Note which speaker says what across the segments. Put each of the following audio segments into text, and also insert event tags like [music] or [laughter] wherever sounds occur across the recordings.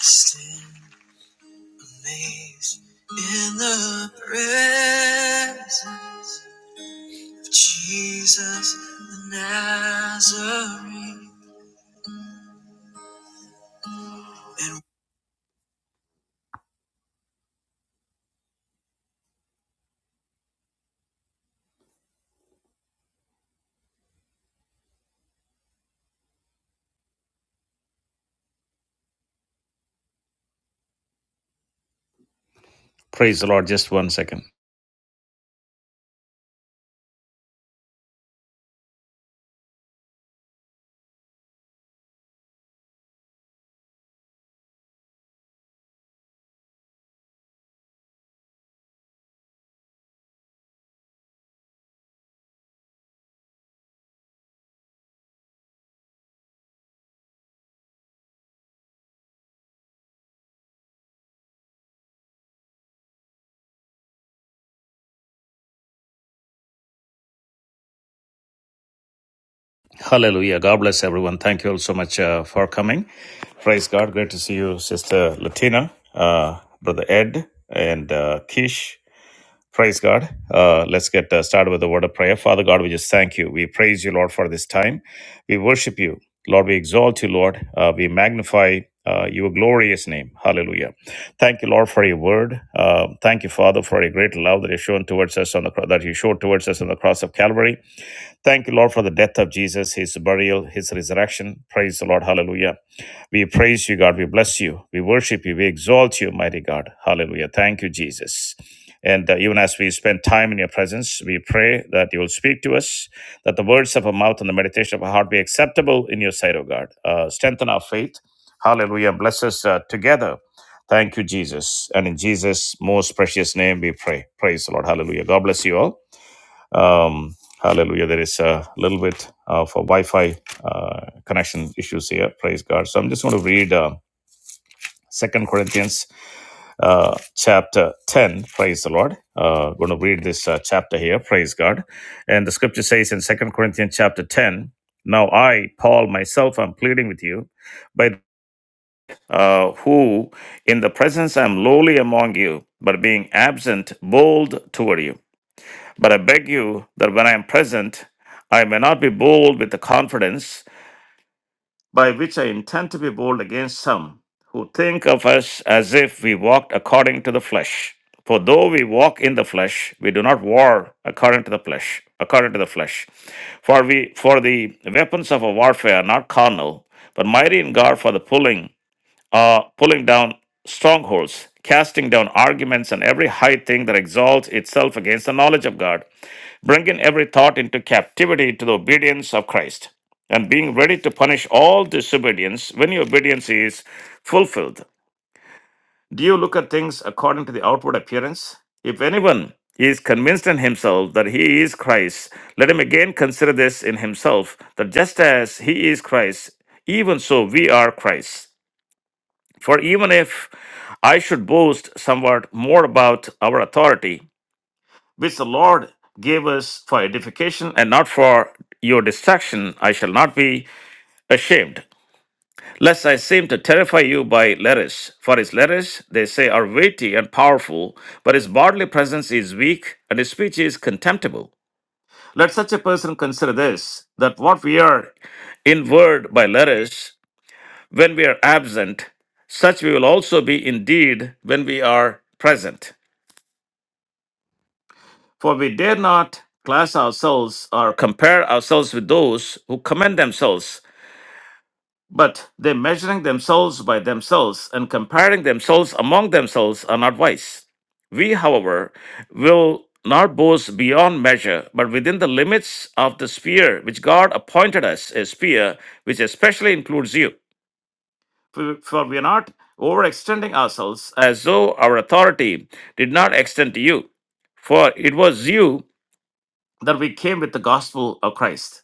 Speaker 1: Stand amazed in the presence of Jesus the Nazarene. And- Praise the Lord. Just one second. Hallelujah. God bless everyone. Thank you all so much uh, for coming. Praise God. Great to see you, Sister Latina, uh, Brother Ed, and uh, Kish. Praise God. Uh, let's get uh, started with the word of prayer. Father God, we just thank you. We praise you, Lord, for this time. We worship you. Lord, we exalt you, Lord. Uh, we magnify uh, your glorious name. Hallelujah. Thank you, Lord, for your word. Uh, thank you, Father, for your great love that you shown towards us on the cro- that you showed towards us on the cross of Calvary. Thank you, Lord, for the death of Jesus, his burial, his resurrection. Praise the Lord. Hallelujah. We praise you, God. We bless you. We worship you. We exalt you, mighty God. Hallelujah. Thank you, Jesus. And uh, even as we spend time in your presence, we pray that you will speak to us, that the words of our mouth and the meditation of our heart be acceptable in your sight, O God. Uh, strengthen our faith. Hallelujah. bless us uh, together. Thank you, Jesus. And in Jesus' most precious name, we pray. Praise the Lord. Hallelujah. God bless you all. Um, hallelujah. There is a little bit of a Wi Fi uh, connection issues here. Praise God. So I'm just going to read uh, 2 Corinthians uh, chapter 10. Praise the Lord. Uh, going to read this uh, chapter here. Praise God. And the scripture says in Second Corinthians chapter 10 Now I, Paul, myself, i am pleading with you by uh, who in the presence I am lowly among you, but being absent, bold toward you. But I beg you that when I am present, I may not be bold with the confidence by which I intend to be bold against some who think of us as if we walked according to the flesh. For though we walk in the flesh, we do not war according to the flesh, according to the flesh. For we for the weapons of our warfare are not carnal, but mighty in God for the pulling, uh, pulling down strongholds, casting down arguments and every high thing that exalts itself against the knowledge of God bringing every thought into captivity to the obedience of Christ, and being ready to punish all disobedience when your obedience is fulfilled. Do you look at things according to the outward appearance? If anyone is convinced in himself that he is Christ, let him again consider this in himself that just as he is Christ, even so we are Christ. For even if I should boast somewhat more about our authority, which the Lord gave us for edification and not for your destruction, I shall not be ashamed. Lest I seem to terrify you by letters. For his letters, they say, are weighty and powerful, but his bodily presence is weak and his speech is contemptible. Let such a person consider this that what we are in word by letters, when we are absent, such we will also be indeed when we are present. For we dare not class ourselves or compare ourselves with those who commend themselves, but they measuring themselves by themselves and comparing themselves among themselves are not wise. We, however, will not boast beyond measure, but within the limits of the sphere which God appointed us, a sphere which especially includes you. For, for we are not overextending ourselves as though our authority did not extend to you. For it was you that we came with the gospel of Christ,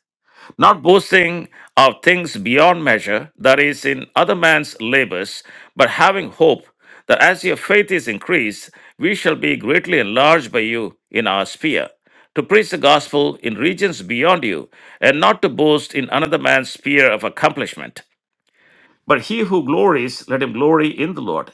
Speaker 1: not boasting of things beyond measure, that is, in other man's labors, but having hope that as your faith is increased, we shall be greatly enlarged by you in our sphere, to preach the gospel in regions beyond you, and not to boast in another man's sphere of accomplishment. But he who glories, let him glory in the Lord.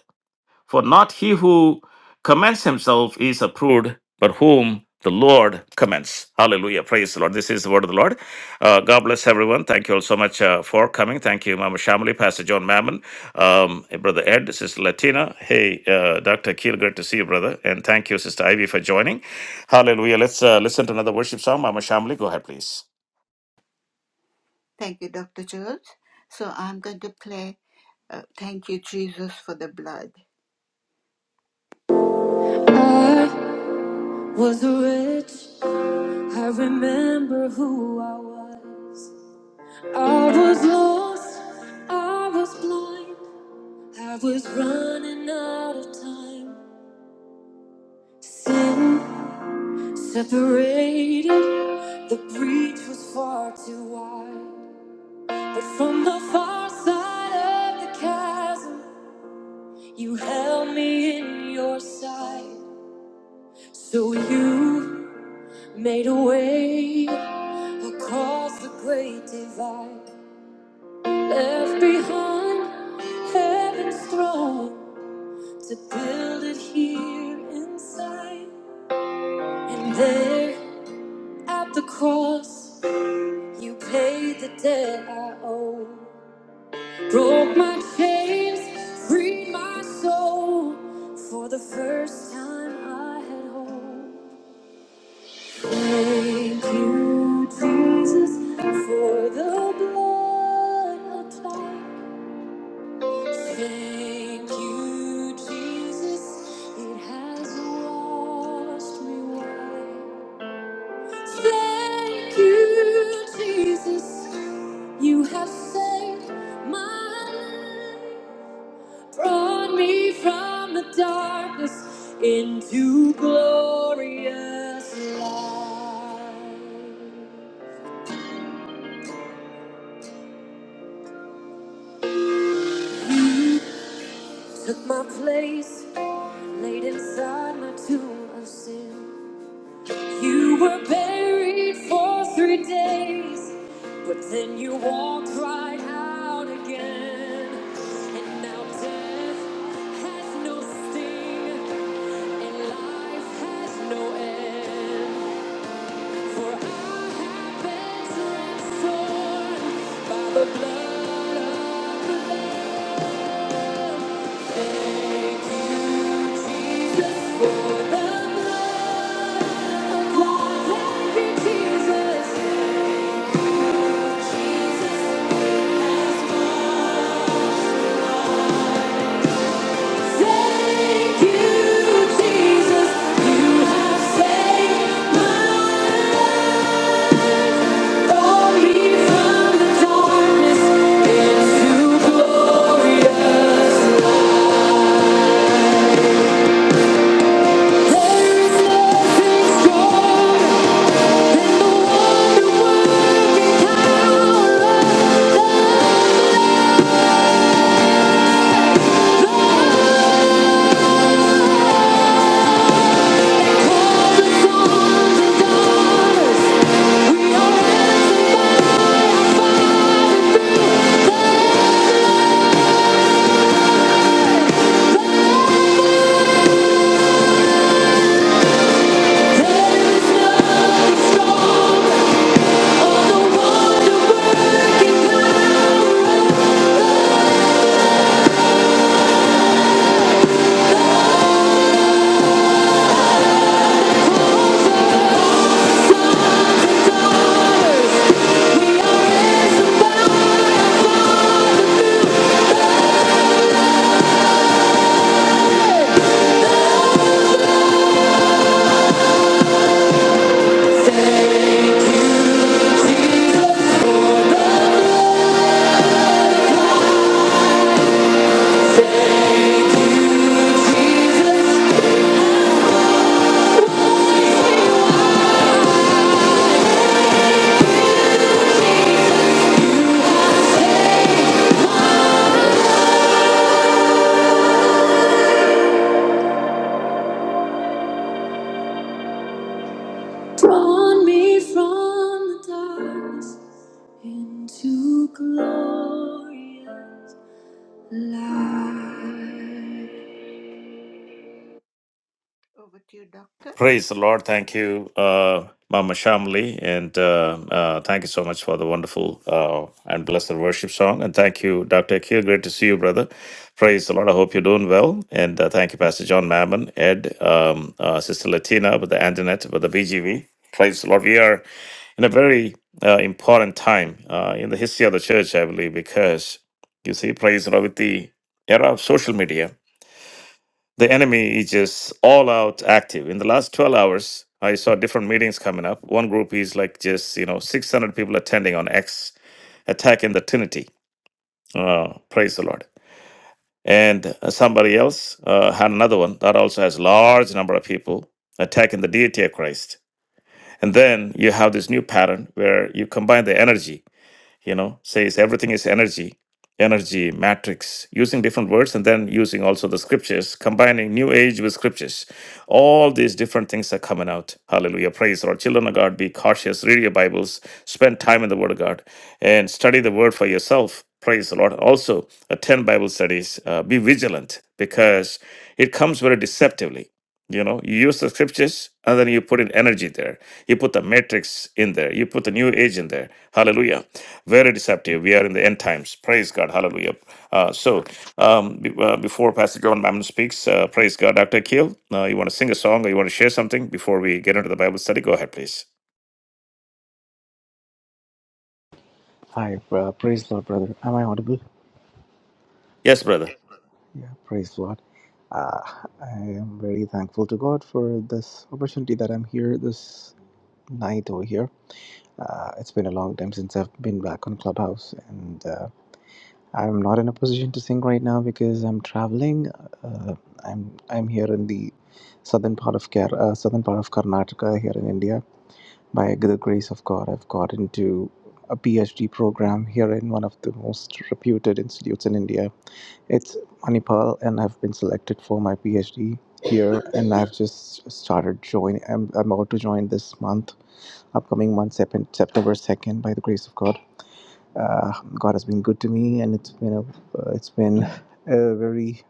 Speaker 1: For not he who commends himself is approved, but whom the Lord commends. Hallelujah. Praise the Lord. This is the word of the Lord. Uh, God bless everyone. Thank you all so much uh, for coming. Thank you, Mama Shamali, Pastor John Mammon, um, Brother Ed, Sister Latina. Hey, uh, Dr. Keel, great to see you, brother. And thank you, Sister Ivy, for joining. Hallelujah. Let's uh, listen to another worship song. Mama Shamali, go ahead, please.
Speaker 2: I was rich. I remember who I was. I was lost. I was blind. I was running out of time. Sin separated. The breach was far too wide. But from the far side of the chasm, you held me in your sight. So you. Made a way across the great divide. Left behind heaven's throne to build it here inside. And there at the cross, you paid the debt I owe. Broke my chains, freed my soul. For the first time I had hope. Thank you, Jesus, for the blood applied. Thank you, Jesus, it has washed me white. Thank you, Jesus, you have saved my life. Brought me from the darkness into glorious light. You took my place, laid inside my tomb of sin. You were buried for three days, but then you walked right out again. And now death has no sting, and life has no end. For I have been transformed by the blood of the Lamb. Darkness into glorious light. Thank you, Jesus. Drawn me from the darkness into glorious light.
Speaker 1: Praise the Lord. Thank you, uh, Mama Shamli. And uh, uh, thank you so much for the wonderful uh, and blessed worship song. And thank you, Dr. Akil. Great to see you, brother. Praise the Lord. I hope you're doing well. And uh, thank you, Pastor John Mammon, Ed, um, uh, Sister Latina with the Antoinette, with the BGV. Praise the Lord. We are in a very uh, important time uh, in the history of the church, I believe, because you see, praise the Lord, with the era of social media the enemy is just all out active. In the last 12 hours, I saw different meetings coming up. One group is like just, you know, 600 people attending on X, attack in the Trinity. Uh, praise the Lord. And uh, somebody else uh, had another one that also has large number of people attacking the deity of Christ. And then you have this new pattern where you combine the energy you know says everything is energy energy matrix using different words and then using also the scriptures combining new age with scriptures all these different things are coming out hallelujah praise the lord children of god be cautious read your bibles spend time in the word of god and study the word for yourself praise the lord also attend bible studies uh, be vigilant because it comes very deceptively you know you use the scriptures and then you put in energy there you put the matrix in there you put the new age in there hallelujah very deceptive. We are in the end times. Praise God. Hallelujah. Uh, so, um, be- uh, before Pastor John Mammon speaks, uh, praise God. Dr. Keel, uh, you want to sing a song or you want to share something before we get into the Bible study? Go ahead, please.
Speaker 3: Hi, uh, praise Lord, brother. Am I audible?
Speaker 1: Yes, brother.
Speaker 3: Yeah, praise Lord. Uh, I am very thankful to God for this opportunity that I'm here this night over here. Uh, it's been a long time since I've been back on Clubhouse, and uh, I'm not in a position to sing right now because I'm traveling. Uh, I'm I'm here in the southern part of Ker- uh, southern part of Karnataka here in India. By the grace of God, I've got into a PhD program here in one of the most reputed institutes in India It's Manipal, and I've been selected for my PhD here, and I've just started joining. I'm, I'm about to join this month, upcoming month, Sep- September second, by the grace of God. Uh, God has been good to me, and it's been a uh, it's been a very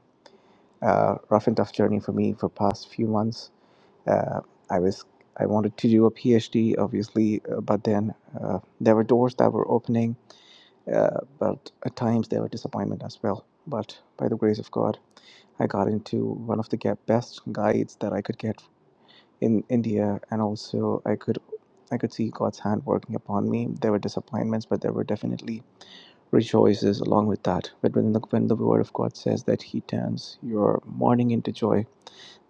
Speaker 3: uh, rough and tough journey for me for past few months. Uh, I was I wanted to do a PhD, obviously, uh, but then uh, there were doors that were opening, uh, but at times there were disappointment as well. But by the grace of God. I got into one of the ga- best guides that I could get in India, and also I could I could see God's hand working upon me. There were disappointments, but there were definitely rejoices along with that. But when the, when the Word of God says that He turns your mourning into joy,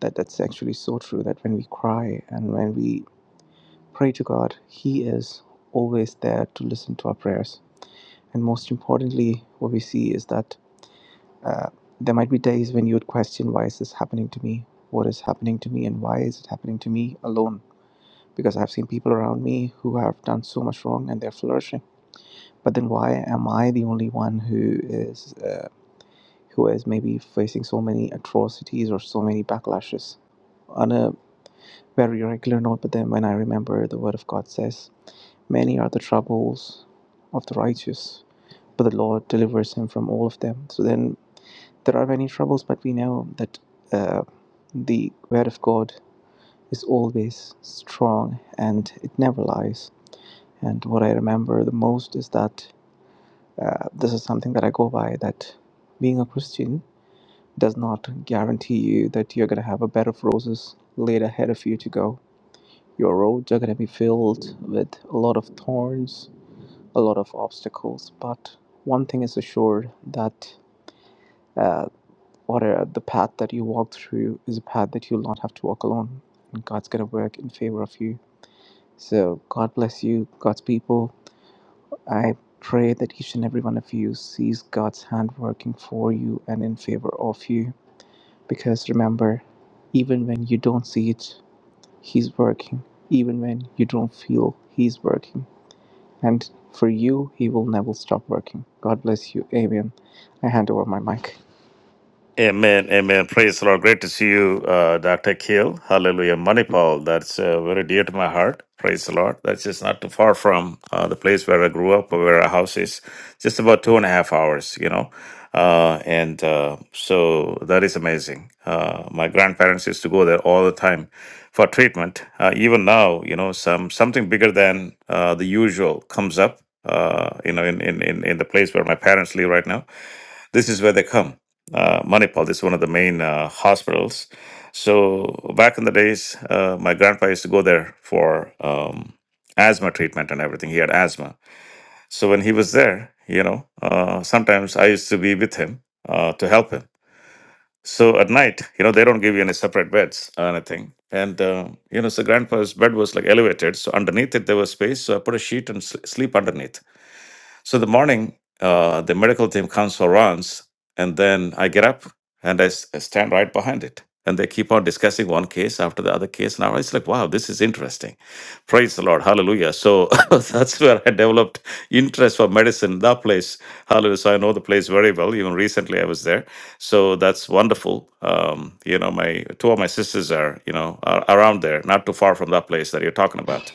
Speaker 3: that that's actually so true. That when we cry and when we pray to God, He is always there to listen to our prayers. And most importantly, what we see is that Uh, there might be days when you would question, why is this happening to me? What is happening to me? And why is it happening to me alone? Because I've seen people around me who have done so much wrong and they're flourishing. But then why am I the only one who is, uh, who is maybe facing so many atrocities or so many backlashes? on a very regular note, but then when I remember the word of God says, Many are the troubles of the righteous, but the Lord delivers him from all of them. So then there are many troubles, but we know that uh, the word of God is always strong and it never lies. And what I remember the most is that uh, this is something that I go by that being a Christian does not guarantee you that you're going to have a bed of roses laid ahead of you to go. Your roads are going to be filled with a lot of thorns, a lot of obstacles, but one thing is assured that uh, or uh, the path that you walk through is a path that you'll not have to walk alone. And God's going to work in favor of you. So, God bless you, God's people. I pray that each and every one of you sees God's hand working for you and in favor of you. Because remember, even when you don't see it, He's working. Even when you don't feel He's working. And for you, He will never stop working. God bless you. Amen. I hand over my mic.
Speaker 1: Amen, amen. Praise the Lord. Great to see you, uh, Dr. Keel. Hallelujah. Manipal, that's uh, very dear to my heart. Praise the Lord. That's just not too far from uh, the place where I grew up, or where our house is. Just about two and a half hours, you know. Uh, and uh, so that is amazing. Uh, my grandparents used to go there all the time for treatment. Uh, even now, you know, some something bigger than uh, the usual comes up. Uh, you know, in, in, in, in the place where my parents live right now this is where they come. Uh, Manipal, this is one of the main uh, hospitals. So back in the days, uh, my grandpa used to go there for um, asthma treatment and everything. He had asthma. So when he was there, you know, uh, sometimes I used to be with him uh, to help him. So at night, you know, they don't give you any separate beds or anything. And, uh, you know, so grandpa's bed was like elevated. So underneath it, there was space. So I put a sheet and sl- sleep underneath. So the morning, uh, the medical team comes for runs, and then I get up and I, s- I stand right behind it. And they keep on discussing one case after the other case. Now it's like, wow, this is interesting. Praise the Lord. Hallelujah. So [laughs] that's where I developed interest for medicine, that place. Hallelujah. So I know the place very well. Even recently I was there. So that's wonderful. Um, you know, my two of my sisters are, you know, are around there, not too far from that place that you're talking about.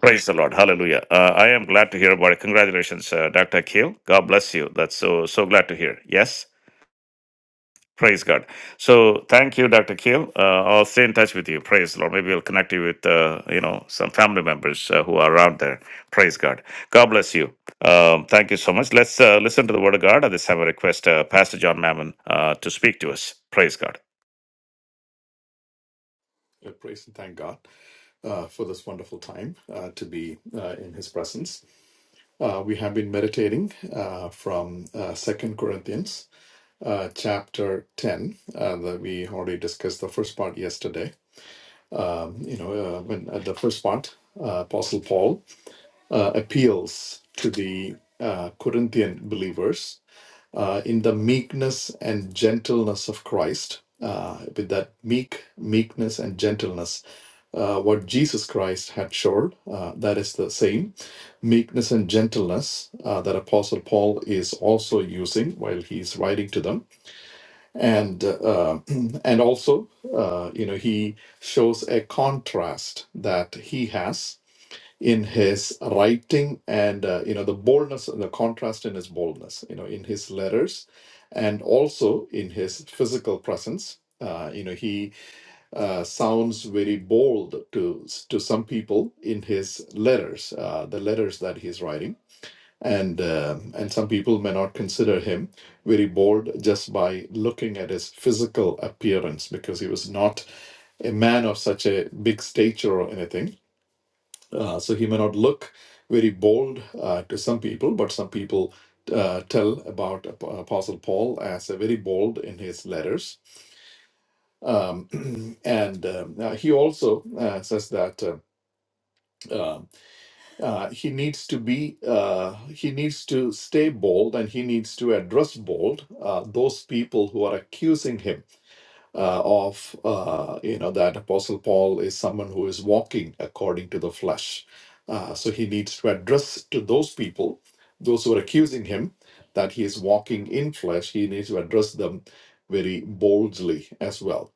Speaker 1: Praise the Lord. Hallelujah. Uh, I am glad to hear about it. Congratulations, uh, Dr. Keel. God bless you. That's so, so glad to hear. Yes. Praise God. So thank you, Dr. Keel. Uh, I'll stay in touch with you. Praise the Lord. Maybe I'll connect you with, uh, you know, some family members uh, who are around there. Praise God. God bless you. Um, thank you so much. Let's uh, listen to the word of God. At this time, I request uh, Pastor John Mammon uh, to speak to us. Praise God.
Speaker 4: Uh, praise and thank God uh, for this wonderful time uh, to be uh, in His presence. Uh, we have been meditating uh, from uh, Second Corinthians uh, chapter ten. Uh, that we already discussed the first part yesterday. Um, you know, uh, when uh, the first part, uh, Apostle Paul uh, appeals to the uh, Corinthian believers uh, in the meekness and gentleness of Christ, uh, with that meek meekness and gentleness, uh, what Jesus Christ had showed, uh, that is the same meekness and gentleness uh, that Apostle Paul is also using while he's writing to them, and uh, [clears throat] and also uh, you know he shows a contrast that he has in his writing and uh, you know the boldness the contrast in his boldness you know in his letters and also in his physical presence uh, you know he uh, sounds very bold to to some people in his letters uh, the letters that he's writing and um and some people may not consider him very bold just by looking at his physical appearance because he was not a man of such a big stature or anything uh, so he may not look very bold uh, to some people, but some people uh, tell about Ap- Apostle Paul as a very bold in his letters. Um, [clears throat] and um, uh, he also uh, says that uh, um, uh, he needs to be, uh, he needs to stay bold and he needs to address bold uh, those people who are accusing him uh, of uh, you know that apostle paul is someone who is walking according to the flesh uh, so he needs to address to those people those who are accusing him that he is walking in flesh he needs to address them very boldly as well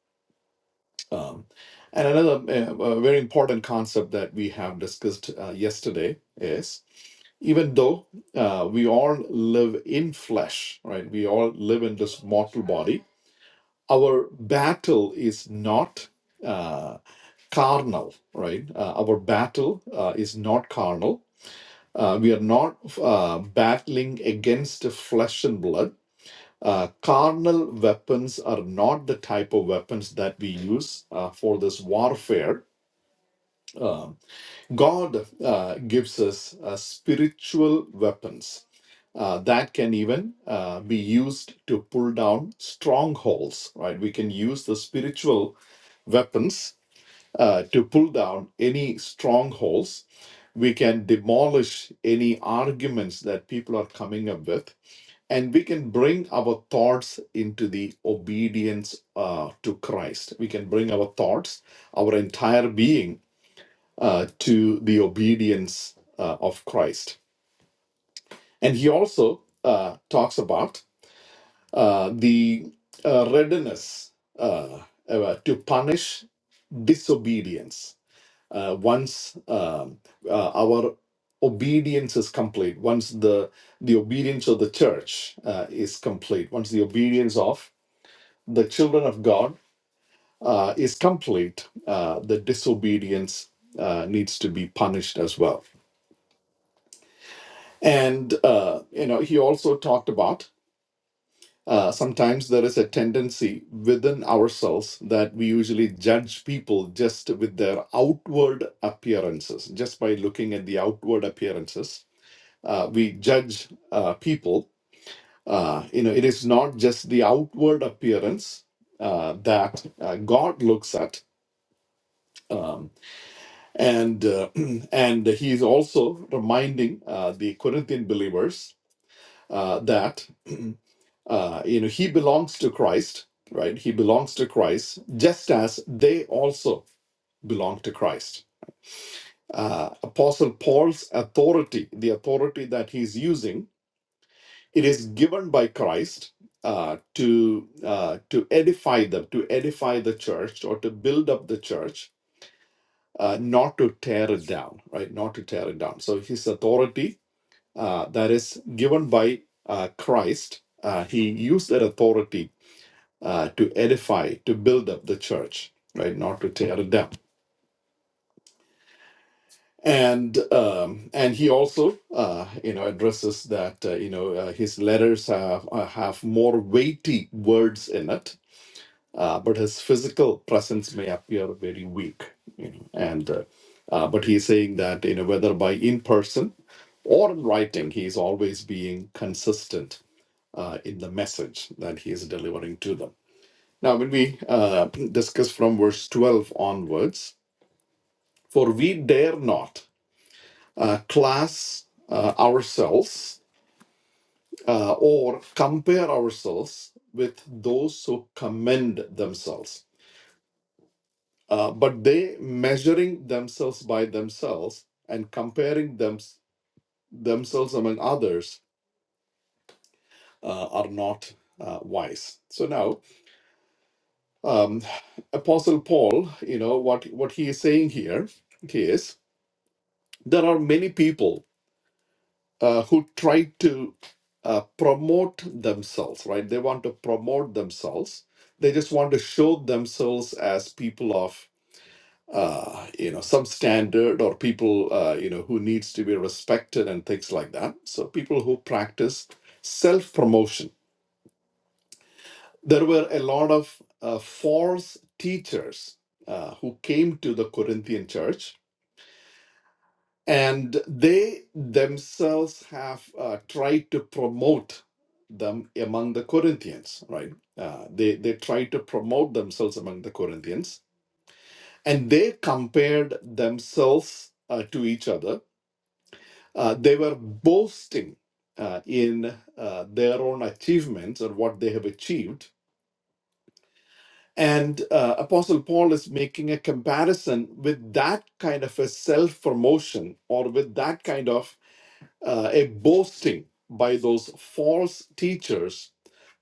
Speaker 4: um, and another uh, uh, very important concept that we have discussed uh, yesterday is even though uh, we all live in flesh right we all live in this mortal body our battle is not uh, carnal, right? Uh, our battle uh, is not carnal. Uh, we are not uh, battling against flesh and blood. Uh, carnal weapons are not the type of weapons that we use uh, for this warfare. Um God uh, gives us uh, spiritual weapons uh, that can even uh, be used to pull down strongholds, right? We can use the spiritual weapons uh, to pull down any strongholds. We can demolish any arguments that people are coming up with, and we can bring our thoughts into the obedience uh, to Christ. We can bring our thoughts, our entire being, uh, to the obedience uh, of Christ. And he also uh, talks about uh, the uh, readiness uh, uh, to punish disobedience uh, once um, uh, our obedience is complete once the the obedience of the church uh, is complete once the obedience of the children of god uh, is complete uh, the disobedience uh, needs to be punished as well and uh, you know he also talked about uh, sometimes there is a tendency within ourselves that we usually judge people just with their outward appearances, just by looking at the outward appearances uh, we judge uh, people, uh, you know, it is not just the outward appearance uh, that uh, God looks at. Um, and uh, [clears throat] and he is also reminding uh, the Corinthian believers uh, that [clears throat] uh, you know he belongs to Christ, right? He belongs to Christ, just as they also belong to Christ. Uh, Apostle Paul's authority, the authority that he's using It is given by Christ uh, to uh, to edify them, to edify the church, or to build up the church, uh, not to tear it down, right? Not to tear it down. So his authority uh, that is given by uh, Christ, uh, he used that authority uh, to edify, to build up the church, right? Not to tear it down. And um, and he also, uh, you know, addresses that uh, you know uh, his letters have uh, have more weighty words in it uh, but his physical presence may appear very weak. You know, and uh, uh, but he's saying that you know whether by in person or in writing, he is always being consistent uh, in the message that he is delivering to them. Now, when we uh, discuss from verse twelve onwards, for we dare not uh, class uh, ourselves uh, or compare ourselves with those who commend themselves Uh, but they measuring themselves by themselves and comparing them, themselves among others uh, are not uh, wise. So now, um, Apostle Paul, you know what what he is saying here is there are many people uh, who try to uh, promote themselves, right? They want to promote themselves. They just want to show themselves as people of uh, you know, some standard or people, uh, you know, who needs to be respected and things like that. So people who practice self-promotion. There were a lot of uh, false teachers uh, who came to the Corinthian church, and they themselves have uh, tried to promote them among the Corinthians. Right? Uh, they they tried to promote themselves among the Corinthians, and they compared themselves uh, to each other Uh, they were boasting uh, in uh, their own achievements or what they have achieved. And uh, Apostle Paul is making a comparison with that kind of a self promotion or with that kind of uh, a boasting by those false teachers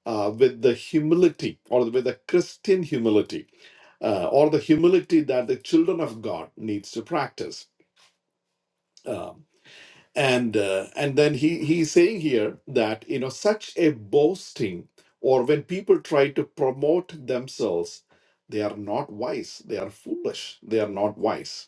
Speaker 4: uh, with the humility or with the Christian humility uh, or the humility that the children of God needs to practice. Um, and uh, and then he he's saying here that you know such a boasting or when people try to promote themselves they are not wise they are foolish they are not wise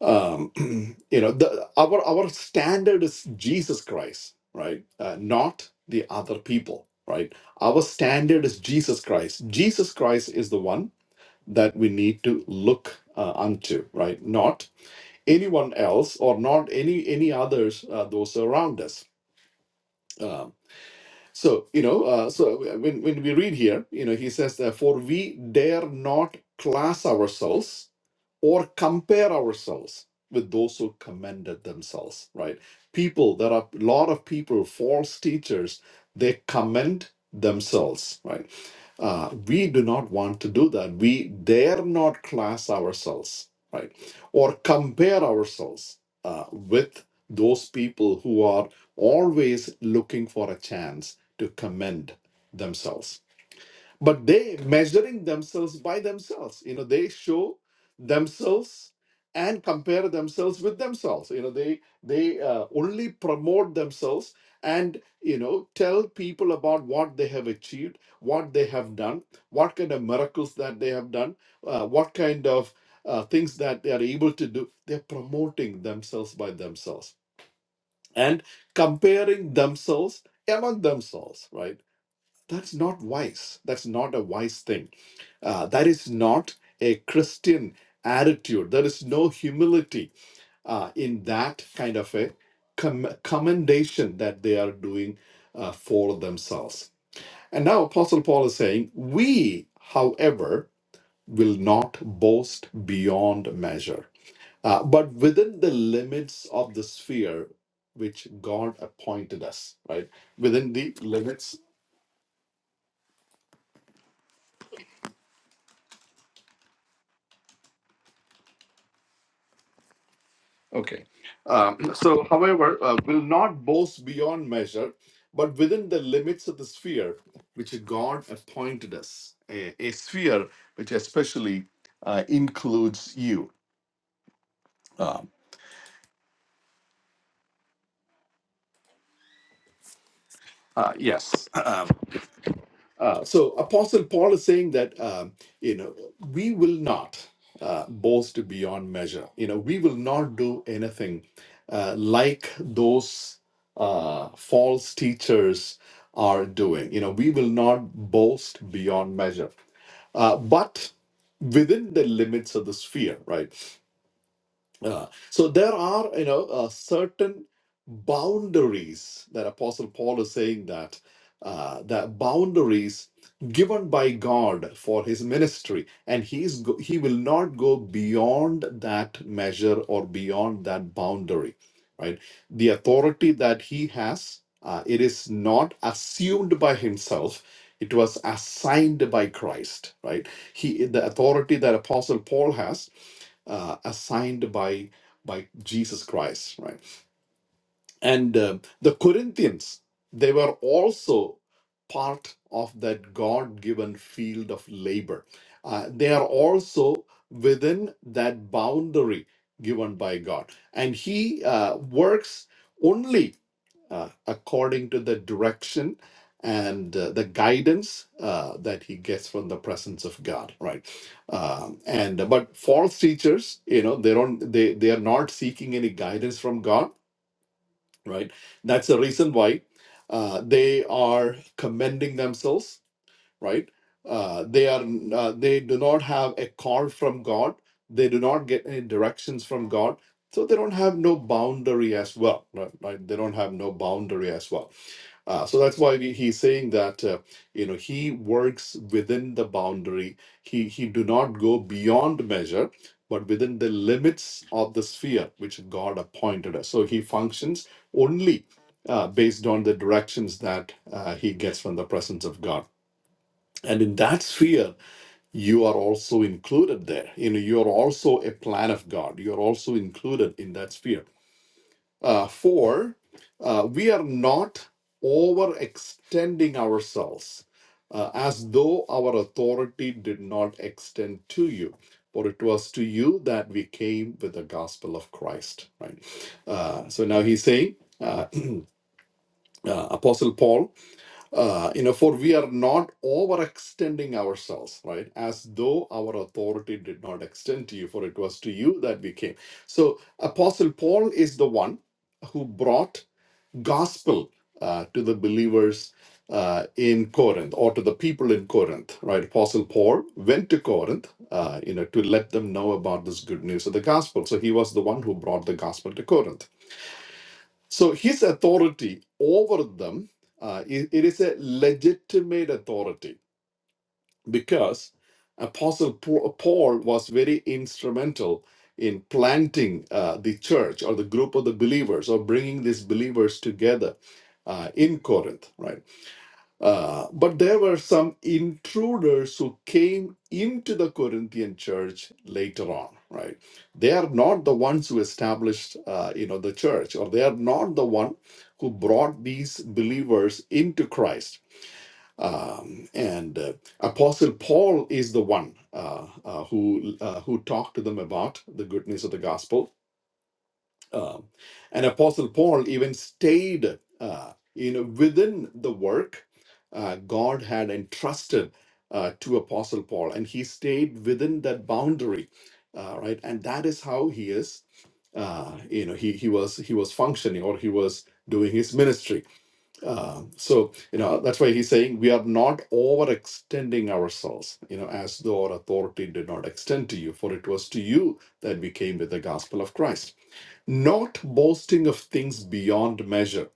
Speaker 4: um, [clears throat] you know the, our our standard is jesus christ right uh, not the other people right our standard is jesus christ jesus christ is the one that we need to look uh, unto right not anyone else or not any any others uh, those around us um, so you know uh, so when, when we read here you know he says that for we dare not class ourselves or compare ourselves with those who commended themselves, right? People, there are a lot of people, false teachers, they commend themselves, right? Uh, we do not want to do that. We dare not class ourselves, right? Or compare ourselves uh, with those people who are always looking for a chance to commend themselves but they measuring themselves by themselves you know they show themselves and compare themselves with themselves you know they they uh, only promote themselves and you know tell people about what they have achieved what they have done what kind of miracles that they have done uh, what kind of uh, things that they are able to do they're promoting themselves by themselves and comparing themselves among themselves right that's not wise that's not a wise thing uh, that is not a Christian attitude. There is no humility uh, in that kind of a com- commendation that they are doing uh, for themselves. And now Apostle Paul is saying, We, however, will not boast beyond measure, uh, but within the limits of the sphere which God appointed us, right? Within the limits Okay. Um, so, however, uh, will not boast beyond measure, but within the limits of the sphere which God appointed us, a, a sphere which especially uh, includes you. Um, uh, yes. [clears throat] Uh, so Apostle Paul is saying that um, you know we will not uh, boast beyond measure. You know we will not do anything uh, like those uh, false teachers are doing. You know we will not boast beyond measure, uh, but within the limits of the sphere, right? Uh, so there are, you know, uh, certain boundaries that Apostle Paul is saying that uh, that boundaries given by God for his ministry, and he's go- he will not go beyond that measure or beyond that boundary, right? The authority that he has, uh, it is not assumed by himself. It was assigned by Christ, right? He the authority that Apostle Paul has uh, assigned by by Jesus Christ, right? And uh, the Corinthians, they were also part of that God given field of labor. Uh, they are also within that boundary given by God. And He uh, works only uh, according to the direction and uh, the guidance uh, that he gets from the presence of God, right? Um, and but false teachers, you know, they don't they they are not seeking any guidance from God right? That's the reason why uh, they are commending themselves right? Uh, they are uh, they do not have a call from God. They do not get any directions from God, so they don't have no boundary as well, right? right? They don't have no boundary as well. Uh, so that's why we, he's saying that uh, you know he works within the boundary. He he do not go beyond measure, but within the limits of the sphere which God appointed us. So he functions only uh, based on the directions that uh, he gets from the presence of God and in that sphere you are also included there you know you're also a plan of god you're also included in that sphere uh, four uh, we are not overextending ourselves uh, as though our authority did not extend to you for it was to you that we came with the gospel of christ right uh, so now he's saying uh, [clears throat] uh, apostle paul uh, you know, for we are not overextending ourselves, right? As though our authority did not extend to you, for it was to you that we came. So, Apostle Paul is the one who brought gospel uh, to the believers uh, in Corinth or to the people in Corinth, right? Apostle Paul went to Corinth, uh, you know, to let them know about this good news of the gospel. So he was the one who brought the gospel to Corinth. So his authority over them, uh, it it is a legitimate authority because Apostle Pa- Paul was very instrumental in planting uh, the church or the group of the believers or bringing these believers together uh, in Corinth, right? Uh, but there were some intruders who came into the Corinthian church later on, right? They are not the ones who established, uh, you know, the church, or they are not the one who brought these believers into Christ. Um, and uh, Apostle Paul is the one uh, uh, who uh, who talked to them about the good news of the gospel um, and Apostle Paul even stayed, uh, you know, within the work uh, God had entrusted uh, to Apostle Paul, and he stayed within that boundary, uh, right? And that is how he is, uh, you know, he he was he was functioning or he was doing his ministry. Um, so you know that's why he's saying we are not overextending ourselves, you know, as though our authority did not extend to you, for it was to you that we came with the gospel of Christ not boasting of things beyond measure,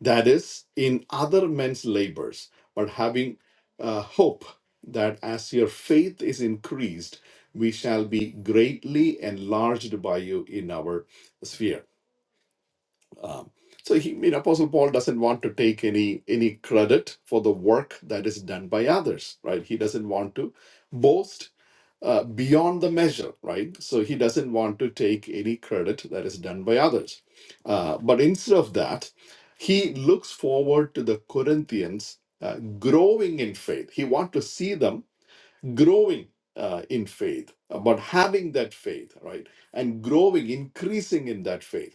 Speaker 4: that is, in other men's labors, but having uh, hope that as your faith is increased, we shall be greatly enlarged by you in our sphere. Um, so he, I mean, Apostle Paul doesn't want to take any any credit for the work that is done by others, right? He doesn't want to boast uh, beyond the measure, right? So he doesn't want to take any credit that is done by others. Uh, but instead of that, he looks forward to the Corinthians uh, growing in faith. He wants to see them growing uh, in faith, uh, but having that faith, right? And growing, increasing in that faith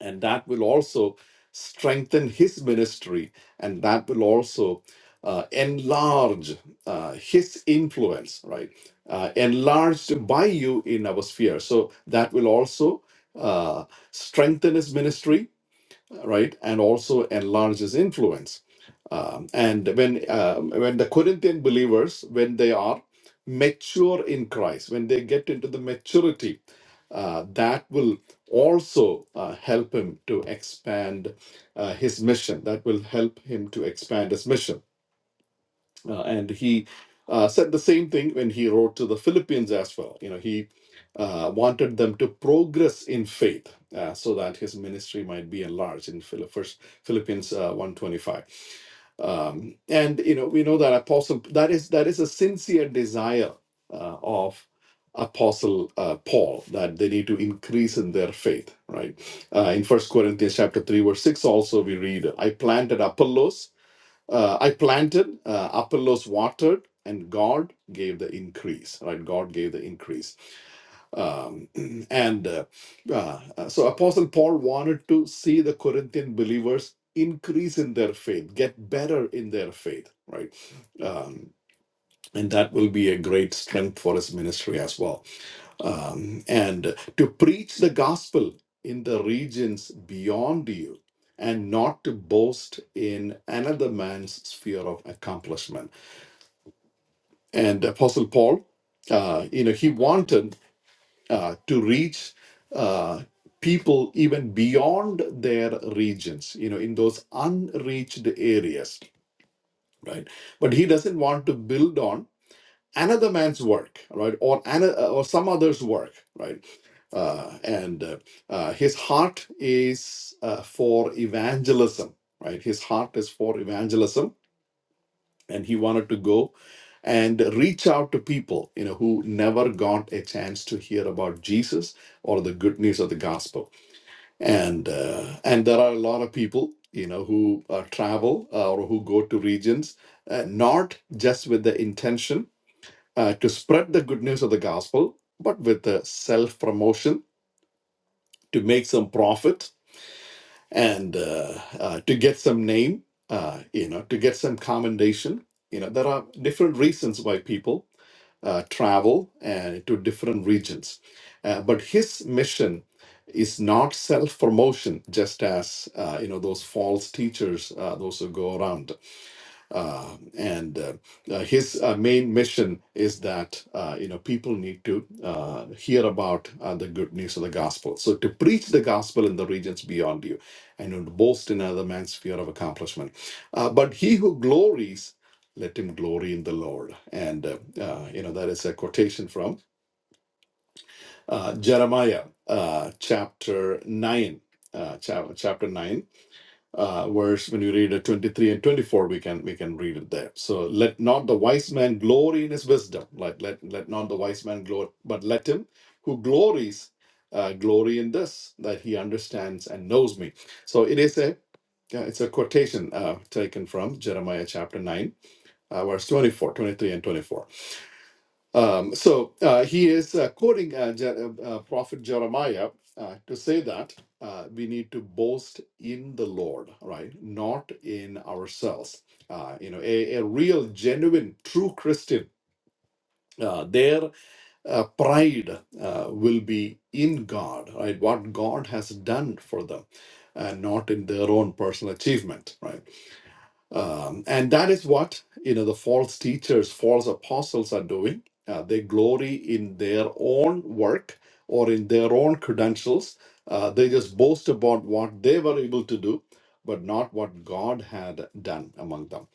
Speaker 4: and that will also strengthen his ministry and that will also uh, enlarge uh, his influence right uh, enlarged by you in our sphere so that will also uh, strengthen his ministry right? And also enlarge his influence. Um, and when uh, when the Corinthian believers, when they are mature in Christ, when they get into the maturity, uh, that will also uh, help him to expand uh, his mission. That will help him to expand his mission uh, and he uh, said the same thing when he wrote to the Philippians as well. You know, he uh, wanted them to progress in faith uh, so that his ministry might be enlarged in Phil- First Philippians uh, one twenty five. Um, and you know, we know that apostle that is that is a sincere desire uh, of apostle uh, paul that they need to increase in their faith right uh, in first corinthians chapter 3 verse 6 also we read i planted apollos uh, I planted, uh, Apollos watered, and God gave the increase. Right? God gave the increase. Um, [clears throat] and uh, uh, uh, so Apostle Paul wanted to see the Corinthian believers increase in their faith, get better in their faith, right? Um, and that will be a great strength for his ministry as well um, and to preach the gospel in the regions beyond you and not to boast in another man's sphere of accomplishment and apostle paul uh, you know he wanted uh, to reach uh, people even beyond their regions you know in those unreached areas right but he doesn't want to build on another man's work, right, or an, uh, or some other's work, right, uh, and uh, uh, his heart is uh, for evangelism, right. His heart is for evangelism, and he wanted to go and reach out to people, you know, who never got a chance to hear about Jesus or the good news of the gospel. And uh, and there are a lot of people, you know, who uh, travel uh, or who go to regions uh, not just with the intention uh, to spread the good news of the gospel, but with uh, self promotion to make some profit and uh, uh, to get some name, uh, you know, to get some commendation. You know, there are different reasons why people uh, travel uh, to different regions. Uh, but his mission is not self promotion, just as, uh, you know, those false teachers, uh, those who go around. Uh, and uh, uh, his uh, main mission is that uh, you know people need to uh, hear about uh, the good news of the gospel. So to preach the gospel in the regions beyond you, and to boast in another man's sphere of accomplishment. Uh, but he who glories, let him glory in the Lord. And uh, uh, you know that is a quotation from uh, Jeremiah uh, chapter nine. Uh, chap- chapter 9 uh, verse when you read uh, 23 and 24 we can we can read it there so let not the wise man glory in his wisdom like let let not the wise man glory but let him who glories uh, glory in this that he understands and knows me so it is a yeah, it's a quotation uh, taken from jeremiah chapter 9 uh, verse 24, 23 and 24 um, so uh, he is uh, quoting uh, Je- uh, uh, Prophet Jeremiah uh, to say that uh, we need to boast in the Lord, right? Not in ourselves. Uh, you know, a, a real, genuine, true Christian, uh, their uh, pride uh, will be in God, right? What God has done for them, and not in their own personal achievement, right? Um, and that is what you know the false teachers, false apostles are doing. Uh, they glory in their own work or in their own credentials. Uh, they just boast about what they were able to do, but not what God had done among them.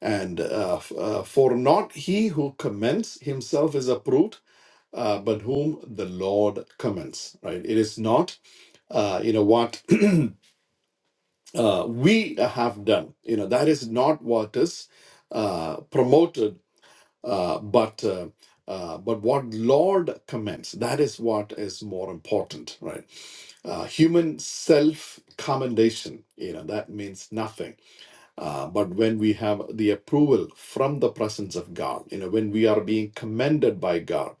Speaker 4: And uh, f- uh, for not he who commends himself is approved, uh, but whom the Lord commends. Right? It is not uh, you know what uh, we have done. You know, that is not what is uh, promoted, uh, but uh, uh, but what Lord commends. That is what is more important, right? Uh, human self commendation. You know, that means nothing uh, but when we have the approval from the presence of God, you know, when we are being commended by God,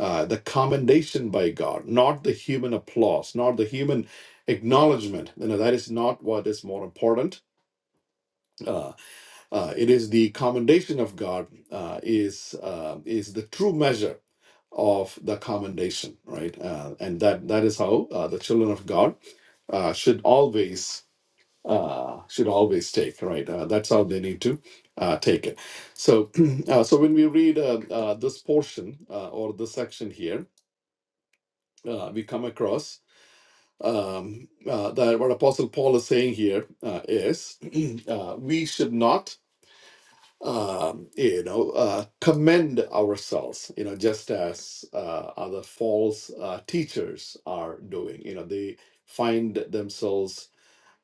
Speaker 4: uh, the commendation by God, not the human applause, not the human acknowledgement, you know, that is not what is more important. Uh, uh, it is the commendation of God uh, is uh, is the true measure of the commendation, right? Uh, and that that is how uh, the children of God uh, should always uh, should always take, right? Uh, that's how they need to uh, take it. So, [clears throat] uh, so when we read uh, uh, this portion uh, or this section here, uh, we come across um, uh, that what Apostle Paul is saying here uh, is [clears throat] uh, we should not, um, eh, you know, uh, commend ourselves, you know, just as uh, other false uh, teachers are doing. You know, they find themselves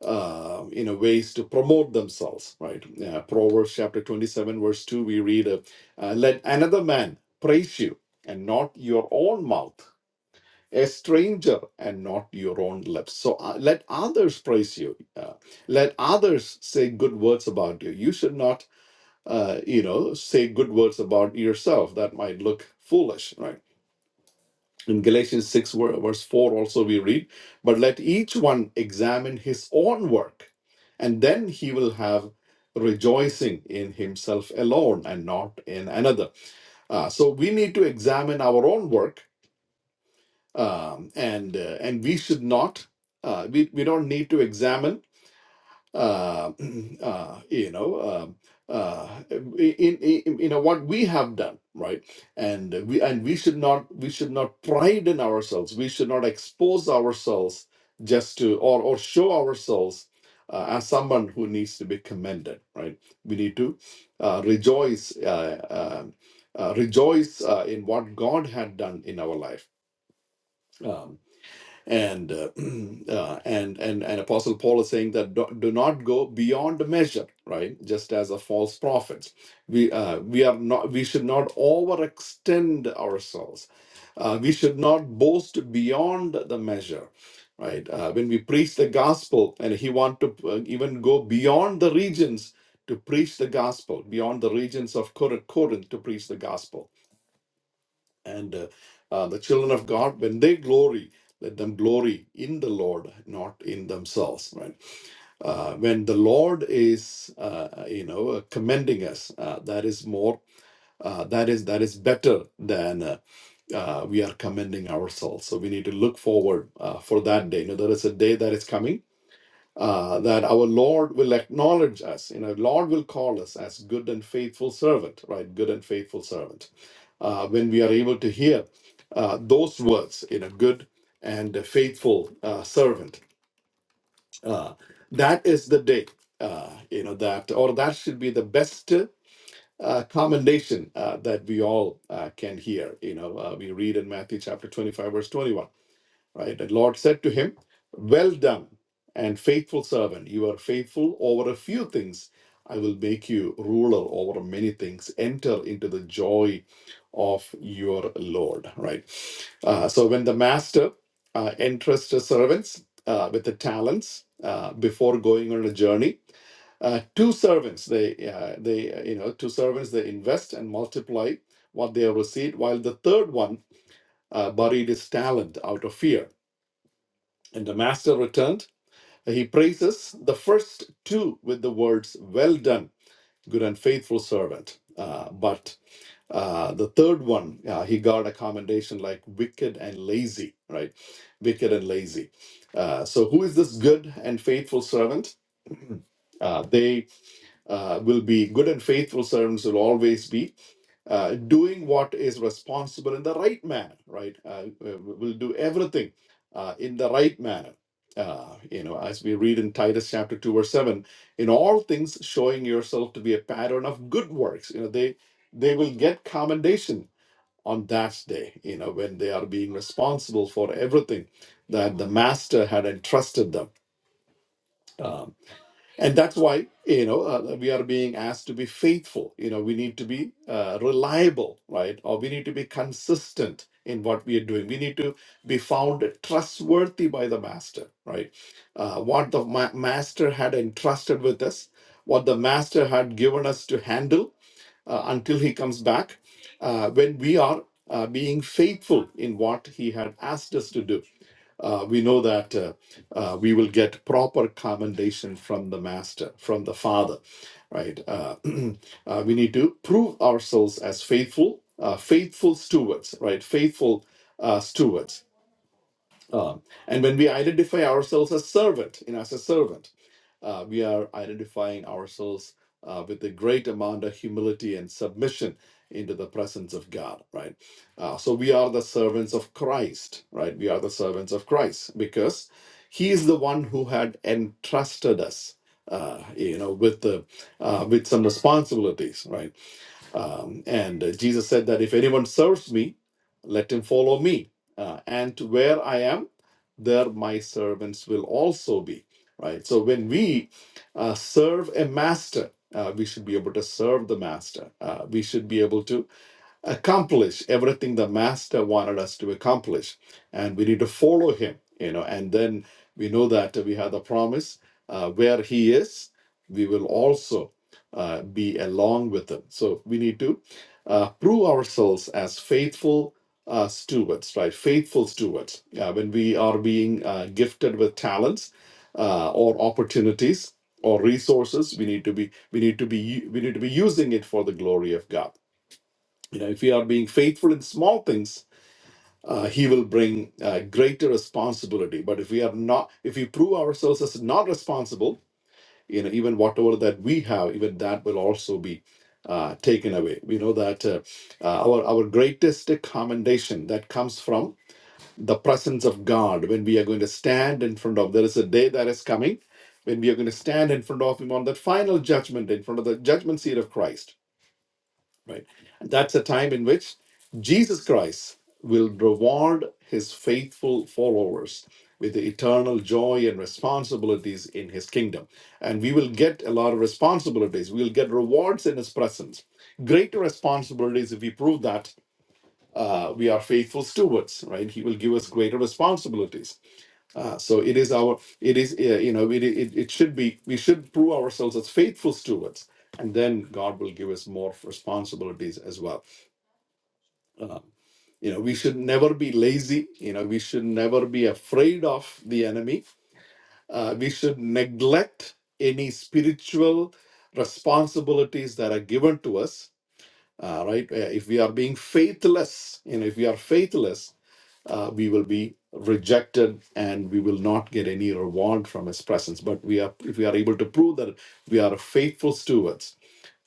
Speaker 4: uh, you know ways to promote themselves right uh, proverbs chapter 27 verse 2 we read uh, uh, let another man praise you and not your own mouth a stranger and not your own lips so uh, let others praise you uh, let others say good words about you you should not uh, you know say good words about yourself that might look foolish right in Galatians 6, ver- verse 4, also we read, But let each one examine his own work, and then he will have rejoicing in himself alone and not in another. Uh, so we need to examine our own work, um, and, uh, and we should not, uh, we, we don't need to examine uh, [clears throat] uh, you know, um uh, in, in, you know what we have done, right? And we and we should not we should not pride in ourselves. We should not expose ourselves just to or or show ourselves uh, as someone who needs to be commended, right? We need to uh, rejoice. Uh, uh, uh, rejoice uh, in what God had done in our life. Um, and uh, [clears throat] uh, and and and apostle paul is saying that do, do not go beyond measure right just as a false prophets we uh, we are not we should not overextend ourselves uh, we should not boast beyond the measure right uh, when we preach the gospel and he want to uh, even go beyond the regions to preach the gospel beyond the regions of Cor- corinth to preach the gospel and uh, uh, the children of God, when they glory, let them glory in the Lord, not in themselves, right? Uh, when the Lord is, uh, you know, uh, commending us, uh, that is more, uh, that is that is better than uh, uh, we are commending ourselves. So we need to look forward uh, for that day. You know, there is a day that is coming uh, that our Lord will acknowledge us. You know, Lord will call us as good and faithful servant, right? Good and faithful servant. Uh, when we are able to hear uh, those words, you know, good and faithful uh, servant, uh, that is the day, uh, you know, that, or that should be the best. Uh, commendation uh, that we all uh, can hear. You know, uh, we read in Matthew chapter 25, verse 21. Right? The Lord said to him, Well done, and faithful servant. You are faithful over a few things. I will make you ruler over many things. Enter into the joy of your Lord. Right? Uh, so when the master uh, entrusts the servants uh, with the talents uh, before going on a journey, uh, two servants they uh, they uh, you know two servants they invest and multiply what they have received, while the third one uh, buried his talent out of fear and the master returned. He praises the first two with the words, Well done, good and faithful servant. Uh, but uh, the third one, uh, he got a commendation like wicked and lazy, right? Wicked and lazy. Uh, so, who is this good and faithful servant? Uh, they uh, will be good and faithful servants, will always be uh, doing what is responsible in the right manner, right? Uh, we- will do everything uh, in the right manner. Uh, you know, as we read in Titus chapter 2, verse 7, in all things showing yourself to be a pattern of good works. You know, they they will get commendation on that day, you know, when they are being responsible for everything that the master had entrusted them. Um, and that's why, you know, uh, we are being asked to be faithful. You know, we need to be uh, reliable, right? Or we need to be consistent in what we are doing. We need to be found trustworthy by the master, right? Uh, what the ma- master had entrusted with us, what the master had given us to handle uh, until he comes back, uh, when we are uh, being faithful in what he had asked us to do uh, we know that uh, uh, we will get proper commendation from the Master, from the Father, right? Uh, [clears throat] uh, we need to prove ourselves as faithful, uh, faithful stewards, right? Faithful uh, stewards uh, and when we identify ourselves as servant, in as a servant, uh, we are identifying ourselves uh, with a great amount of humility and submission into the presence of God, right? Uh, so we are the servants of Christ, right? We are the servants of Christ because He is the one who had entrusted us, uh, you know, with the uh, with some responsibilities, right? Um, and uh, Jesus said that if anyone serves me, let him follow me. Uh, and where I am, there my servants will also be. Right? So when we uh, serve a master, uh, we should be able to serve the master. Uh, we should be able to accomplish everything the master wanted us to accomplish and we need to follow him you know and then we know that we have the promise uh, where he is we will also uh, be along with him so we need to uh, prove ourselves as faithful uh, stewards right faithful stewards uh, when we are being uh, gifted with talents uh, or opportunities or resources we need to be we need to be u- we need to be using it for the glory of god you know, if we are being faithful in small things, uh, He will bring uh, greater responsibility. But if we are not, if we prove ourselves as not responsible, you know, even whatever that we have, even that will also be uh, taken away. We know that uh, uh, our our greatest commendation that comes from the presence of God when we are going to stand in front of. There is a day that is coming when we are going to stand in front of Him on that final judgment, in front of the judgment seat of Christ right? That's a time in which Jesus Christ will reward his faithful followers with the eternal joy and responsibilities in his kingdom. And we will get a lot of responsibilities. We will get rewards in his presence. Greater responsibilities if we prove that uh, we are faithful stewards, right? He will give us greater responsibilities uh, so it is our, it is, uh, you know, it, it, it should be, we should prove ourselves as faithful stewards. And then God will give us more responsibilities as well. Uh, you know, we should never be lazy. You know, we should never be afraid of the enemy. Uh, we should neglect any spiritual responsibilities that are given to us. Uh, right? Uh, if we are being faithless, you know, if we are faithless, uh, we will be rejected and we will not get any reward from his presence but we are if we are able to prove that we are faithful stewards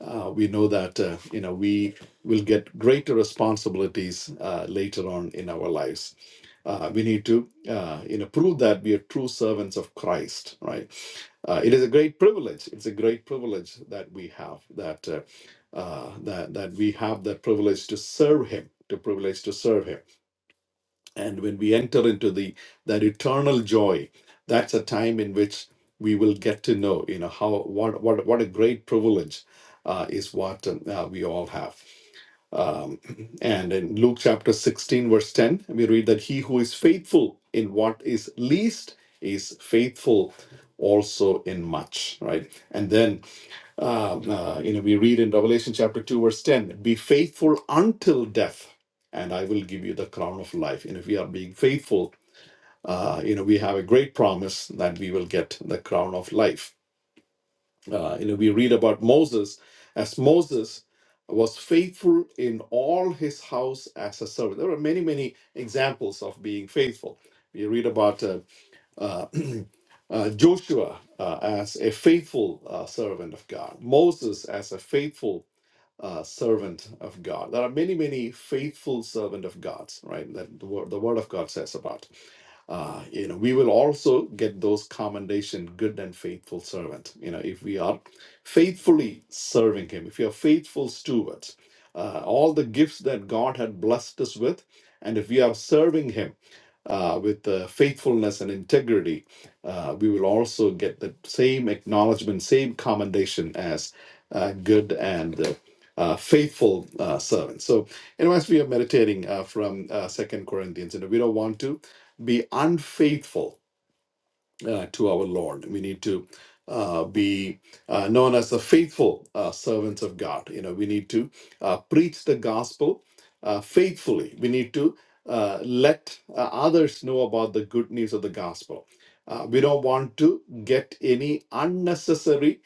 Speaker 4: uh, we know that uh, you know we will get greater responsibilities uh, later on in our lives uh, we need to uh, you know prove that we are true servants of christ right uh, it is a great privilege it's a great privilege that we have that uh, uh, that that we have the privilege to serve him the privilege to serve him and when we enter into the that eternal joy that's a time in which we will get to know you know how what what, what a great privilege uh, is what um, uh, we all have um, [clears throat] and in luke chapter 16 verse 10 we read that he who is faithful in what is least is faithful also in much right and then um, uh, you know, we read in Revelation chapter 2, verse 10, be faithful until death, and I will give you the crown of life. And if we are being faithful, uh, you know, we have a great promise that we will get the crown of life. Uh, you know, we read about Moses as Moses was faithful in all his house as a servant. There are many, many examples of being faithful. We read about uh, uh, [clears throat] uh, Joshua uh, as a faithful uh, servant of God, Moses as a faithful uh, servant of God. There are many, many faithful servant of God's, right? That the word, the word of God says about. Uh, you know, we will also get those commendation, good and faithful servant. You know, if we are faithfully serving Him, if we are faithful stewards, uh, all the gifts that God had blessed us with, and if we are serving Him uh, with uh, faithfulness and integrity, uh, we will also get the same acknowledgement, same commendation as uh, good and uh, uh, faithful uh, servants. So, anyways, we are meditating uh, from uh, Second Corinthians, and we don't want to be unfaithful uh, to our Lord. We need to uh, be uh, known as the faithful uh, servants of God. You know, we need to uh, preach the gospel uh, faithfully. We need to uh, let uh, others know about the good news of the gospel. Uh, we don't want to get any unnecessary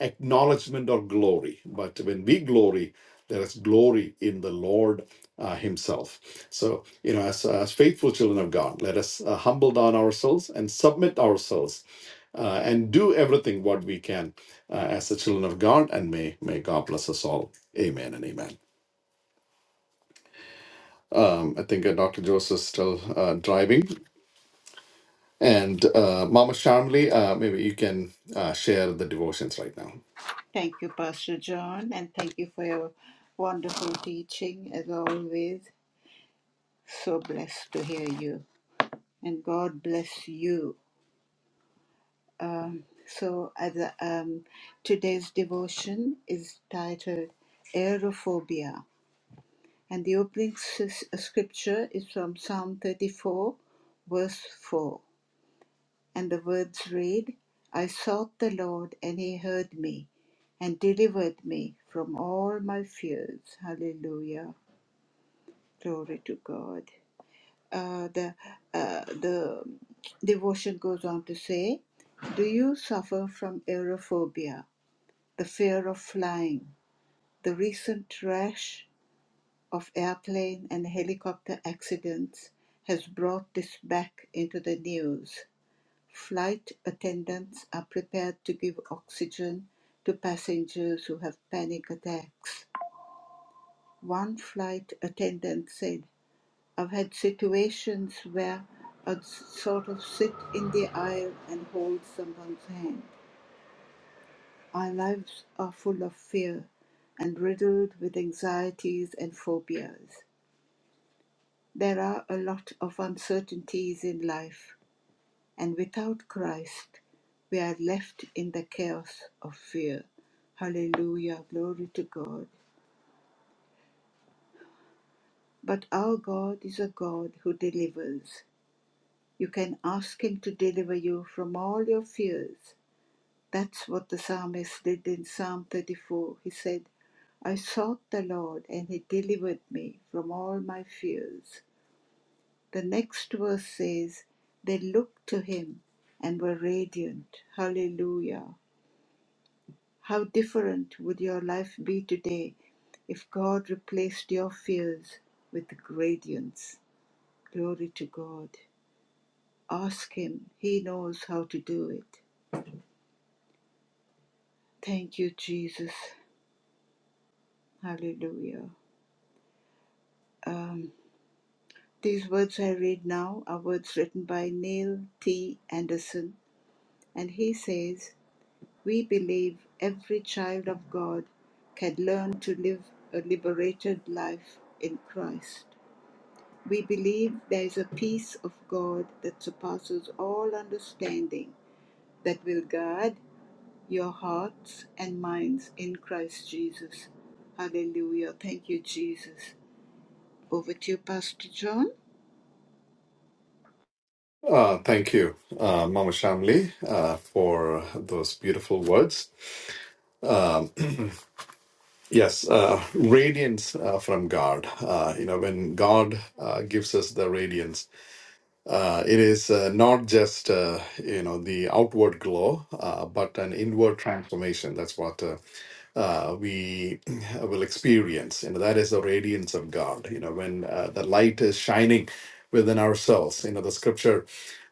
Speaker 4: acknowledgement or glory. But when we glory, there is glory in the Lord uh, Himself. So, you know, as, as faithful children of God, let us uh, humble down ourselves and submit ourselves uh, and do everything what we can uh, as the children of God. And may, may God bless us all. Amen and amen. Um, I think uh, Dr. Joseph is still uh, driving. And uh, Mama Shamli, uh, maybe you can uh, share the devotions right now. Uh, thank you, uh, Mama Shamli, uh, for those beautiful words. Um, yes, uh, radiance uh, from God. Uh, you know, when God uh, gives us the radiance, uh, it is uh, not just uh, you know the outward glow, uh, but an inward transformation. That's what uh, uh, we [clears throat] will experience. You know, that is the radiance of God. You know, when uh, the light is shining within ourselves. You know, the scripture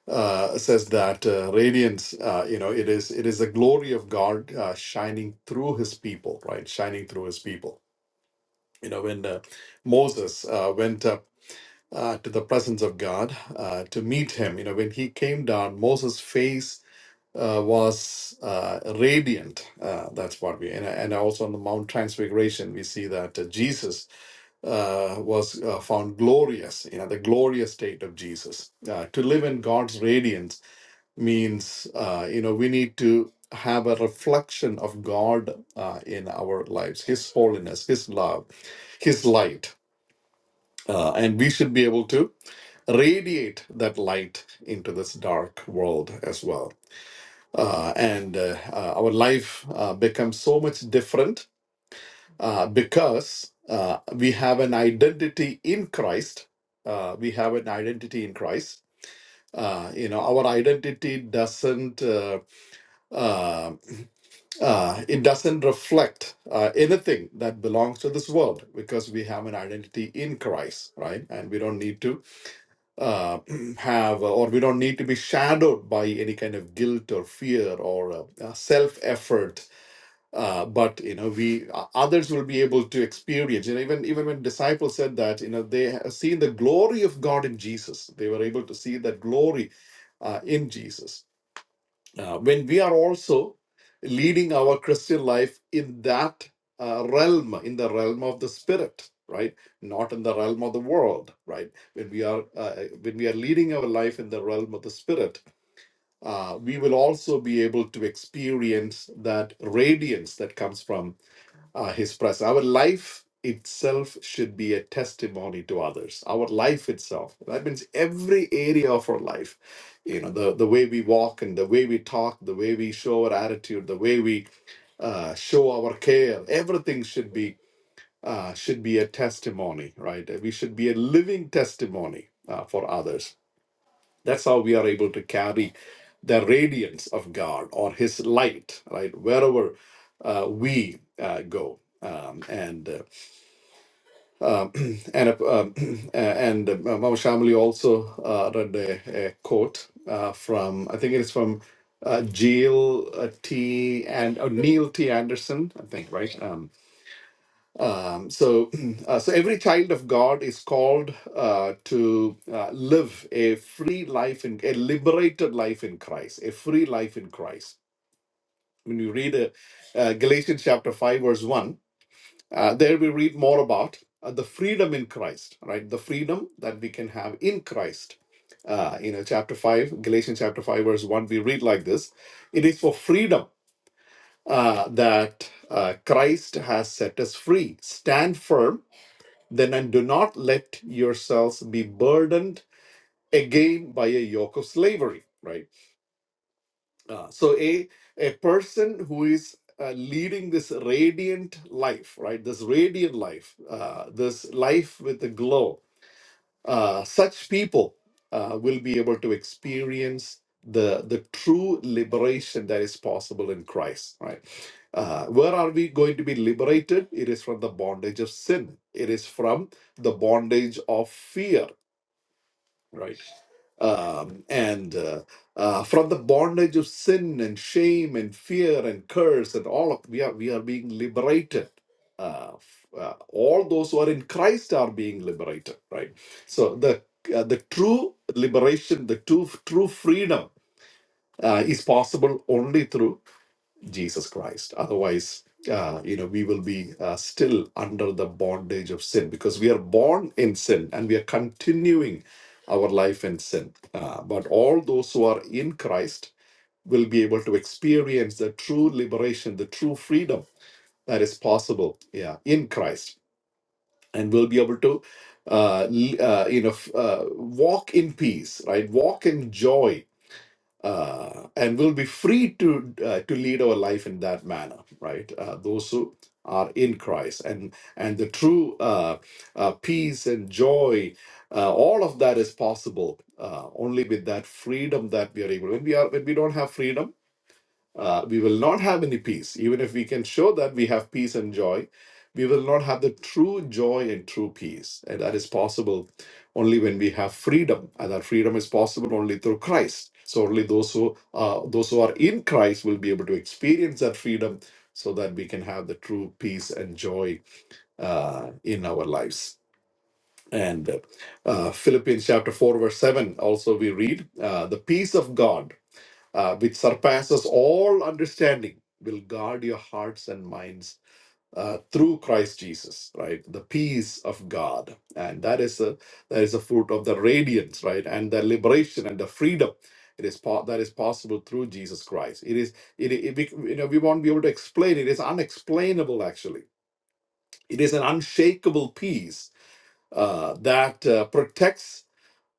Speaker 4: uh, says that uh, radiance, uh, you know, it is it is the glory of God uh, shining through His people, right? Shining through His people. You know, when uh, Moses uh, went up uh, to the presence of God uh, to meet Him, you know, when he came down, Moses' face uh, was uh, radiant. Uh, that's what we and and also on the Mount Transfiguration we see that uh, Jesus uh, was uh, found glorious, you know, the glorious state of Jesus. Uh, to live in God's radiance means uh, you know we need to have a reflection of god uh, in our lives his holiness his love his light uh, and we should be able to radiate that light into this dark world as well uh, and uh, uh, our life uh, becomes so much different uh, because uh, we have an identity in christ uh, we have an identity in christ uh, you know our identity doesn't uh, um, Uh, it doesn't reflect uh, anything that belongs to this world because we have an identity in Christ, right? And we don't need to uh, [clears throat] have, or we don't need to be shadowed by any kind of guilt or fear or uh, uh, self-effort. Uh, but you know, we uh, others will be able to experience. You know, even even when disciples said that, you know, they have seen the glory of God in Jesus. They were able to see that glory uh, in Jesus uh, when we are also leading our Christian life in that uh, realm, in the realm of the spirit, right? Not in the realm of the world, right? When we are uh, when we are leading our life in the realm of the spirit, uh, we will also be able to experience that radiance that comes from uh, his presence. Our life itself should be a testimony to others. Our life itself. That means every area of our life. You know, the, the way we walk and the way we talk, the way we show our attitude, the way we uh, show our care. Everything should be uh, should be a testimony, right? We should be a living testimony uh, for others that's how we are able to carry the radiance of God or His light, right? Wherever uh, we uh, go. Um, and uh, um, [clears throat] and uh, um, [clears throat] and uh, Mama Shamli also uh, read a, a quote uh, from I think it is from uh, Jill uh, T and uh, Neil T Anderson I think right Um, um, so, [clears throat] uh, so every child of God is called uh, to uh, live a free life in a liberated life in Christ, a free life in Christ. When you read uh, uh, Galatians chapter five, verse one, uh, there we read more about uh, the freedom in Christ, right? The freedom that we can have in Christ. Uh, you know, chapter five, Galatians chapter five, verse one, we read like this: It is for freedom uh, that uh, Christ has set us free. Stand firm then and do not let yourselves be burdened again by a yoke of slavery, right? Uh, so a a person who is uh, leading this radiant life, right? This radiant life, uh, this life with a glow, uh, such people uh, will be able to experience the the true liberation that is possible in Christ. Right? Uh, where are we going to be liberated? It is from the bondage of sin. It is from the bondage of fear right? Um, and uh, uh, from the bondage of sin and shame and fear and curse and all of we are we are being liberated. Uh, f- uh, all those who are in Christ are being liberated, right? So the uh, the true liberation, the true true freedom uh, is possible only through Jesus Christ. Otherwise, uh, you know, we will be uh, still under the bondage of sin because we are born in sin and we are continuing our life in sin. Uh, but all those who are in Christ will be able to experience the true liberation, the true freedom that is possible, yeah, in Christ, and will be able to, uh, l- uh, you know, f- uh, walk in peace, right? Walk in joy uh, and will be free to uh, to lead our life in that manner right uh, those who are in christ and and the true uh, uh, peace and joy uh, all of that is possible uh, only with that freedom that we are able when we are when we don't have freedom uh, we will not have any peace. Even if we can show that we have peace and joy, we will not have the true joy and true peace. And that is possible only when we have freedom. And that freedom is possible only through Christ. So only those who uh, those who are in Christ will be able to experience that freedom, so that we can have the true peace and joy uh, in our lives. And uh, Philippians chapter four verse seven also we read uh, the peace of God uh, which surpasses all understanding, will guard your hearts and minds uh, through Christ Jesus, right? The peace of God, and that is a that is a fruit of the radiance, right? And the liberation and the freedom. It is po- that is possible through Jesus Christ. It is it, it we, you know we won't be able to explain it. It is unexplainable actually. It is an unshakable peace uh, that uh, protects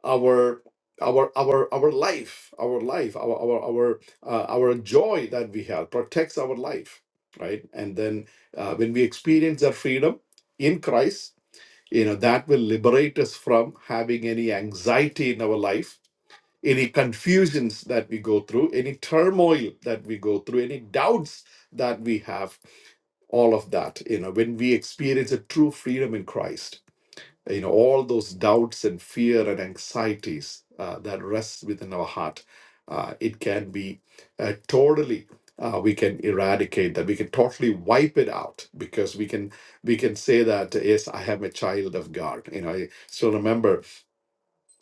Speaker 4: our our our our life our life our our our uh, our joy that we have protects our life right and then uh, when we experience that freedom in christ you know that will liberate us from having any anxiety in our life any confusions that we go through any turmoil that we go through any doubts that we have all of that you know when we experience a true freedom in christ you know all those doubts and fear and anxieties uh, that rests within our heart uh, it can be uh, totally uh, we can eradicate that we can totally wipe it out because we can we can say that yes i am a child of god you know i still remember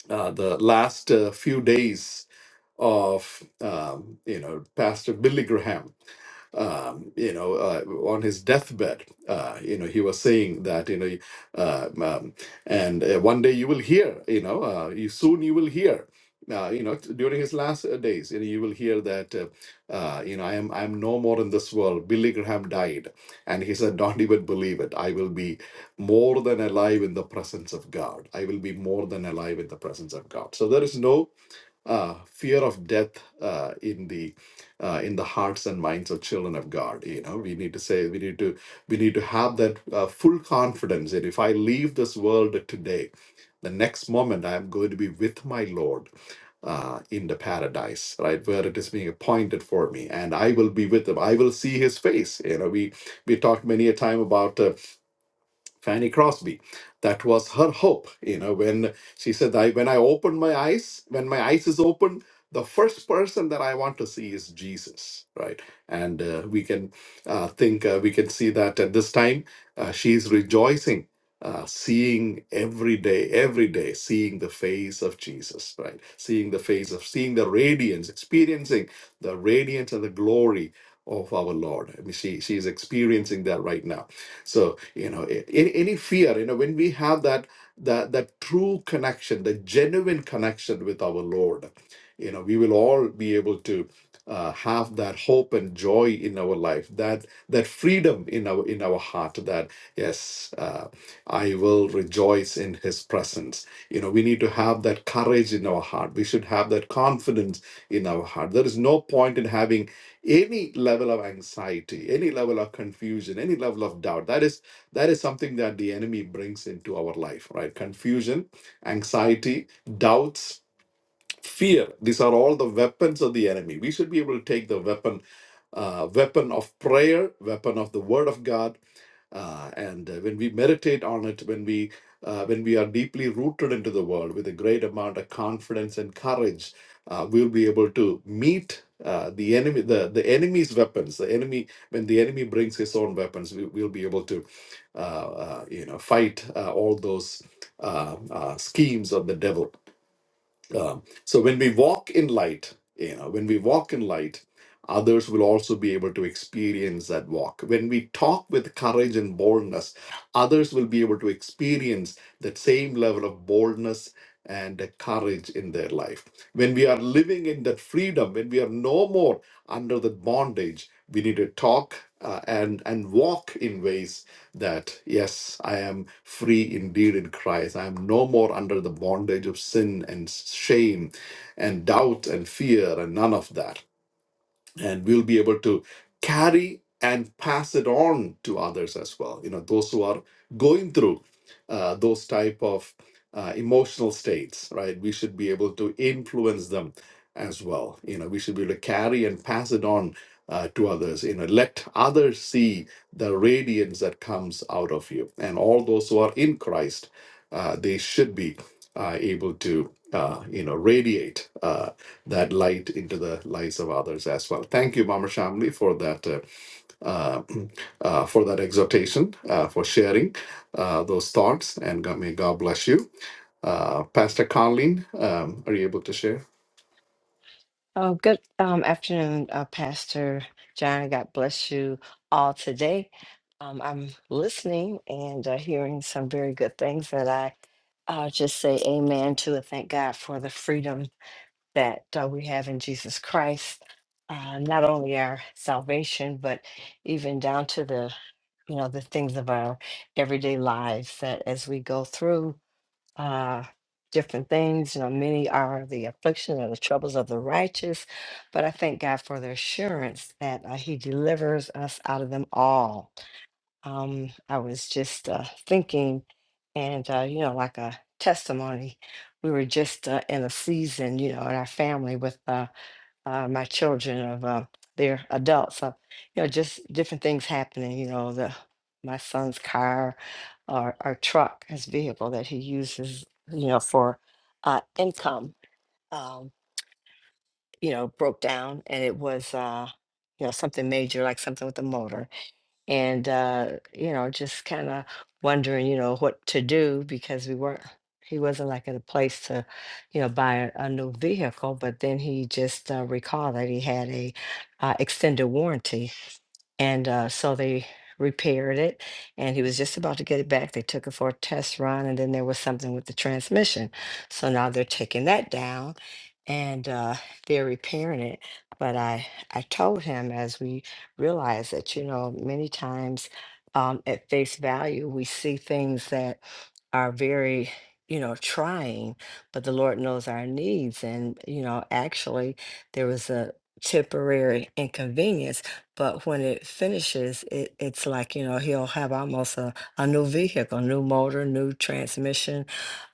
Speaker 4: uh, the last uh, few days of um, you know pastor billy graham um, you know, uh, on his deathbed, uh, you know, he was saying that, you know, uh, um, and uh, one day you will hear, you know, uh, you soon you will hear. Uh, you know, during his last uh, days, you know, you will hear that, uh, uh, you know, I am I am no more in this world. Billy Graham died, and he said, "Don't even believe it. I will be more than alive in the presence of God. I will be more than alive in the presence of God." So there is no uh, fear of death uh, in the uh, in the hearts and minds of children of God. You know, we need to say we need to we need to have that uh, full confidence that if I leave this world today, the next moment I am going to be with my Lord uh, in the paradise, right, where it is being appointed for me, and I will be with him. I will see his face. You know, we we talked many a time about. Uh, Fanny Crosby. That was her hope. You know, when she said, I, when I open my eyes, when my eyes is open, the first person that I want to see is Jesus, right? And uh, we can uh, think, uh, we can see that at this time, uh, she's rejoicing, uh, seeing every day, every day, seeing the face of Jesus, right? Seeing the face of, seeing the radiance, experiencing the radiance and the glory of our Lord. I mean, she, she's experiencing that right now so you know a- any, any fear you know when we have that that that true connection the genuine connection with our lord you know we will all be able to uh, have that hope and joy in our life that that freedom in our in our heart that yes uh, i will rejoice in his presence you know we need to have that courage in our heart we should have that confidence in our heart there is no point in having any level of anxiety any level of confusion any level of doubt that is that is something that the enemy brings into our life right confusion anxiety doubts fear these are all the weapons of the enemy we should be able to take the weapon uh, weapon of prayer weapon of the word of god uh, and uh, when we meditate on it when we uh, when we are deeply rooted into the world with a great amount of confidence and courage uh, we'll be able to meet uh, the enemy the, the enemy's weapons the enemy when the enemy brings his own weapons we, we'll be able to uh, uh, you know fight uh, all those uh, uh, schemes of the devil um, so when we walk in light, you know, when we walk in light, others will also be able to experience that walk. When we talk with courage and boldness, others will be able to experience that same level of boldness and the courage in their life. When we are living in that freedom, when we are no more under that bondage, we need to talk uh, and and walk in ways that yes, I am free indeed in Christ. I am no more under the bondage of sin and shame and doubt and fear and none of that. And we'll be able to carry and pass it on to others as well. You know, those who are going through uh, those type of uh, emotional states, right? We should be able to influence them as well. You know, we should be able to carry and pass it on uh, to others. You know, let others see the radiance that comes out of you. And all those who are in Christ, uh, they should be uh, able to, uh, you know, radiate uh, that light into the lives of others as well. Thank you, Mama Shamli, for that. Uh, uh, [clears throat] uh, for that exhortation, uh, for sharing uh, those thoughts, and God, may God bless you. Uh, Pastor Colleen, um, are you able to share?
Speaker 5: Oh, good um, afternoon, uh, Pastor John. God bless you all today. Um, I'm listening and uh, hearing some very good things that I uh, just say amen to and thank God for the freedom that uh, we have in Jesus Christ. Uh, not only our salvation, but even down to the you know the things of our everyday lives that as we go through uh, different things. You know, many are the affliction and the troubles of the righteous, but I thank God for the assurance that uh, He delivers us out of them all. Um, I was just uh, thinking, and uh, you know, like a testimony, we were just uh, in a season, you know, in our family with. uh, uh, my children of uh, they're adults. So, you know, just different things happening. You know, the my son's car or, or truck, his vehicle that he uses, you know, for uh, income, um, you know, broke down, and it was, uh, you know, something major, like something with the motor, and uh, you know, just kind of wondering, you know, what to do because we weren't. He wasn't like at a place to, you know, buy a, a new vehicle. But then he just uh, recalled that he had a uh, extended warranty and uh, so they repaired it, and he was just about to get it back. They took it for a test run, and then there was something with the transmission. So now they're taking that down, and uh, they're repairing it. But I, I told him as we realized that you know many times um, at face value we see things that are very you know trying, but the Lord knows our needs, and you know actually there was a temporary inconvenience but when it finishes, it, it's like, you know, he'll have almost a, a new vehicle, new motor, new transmission.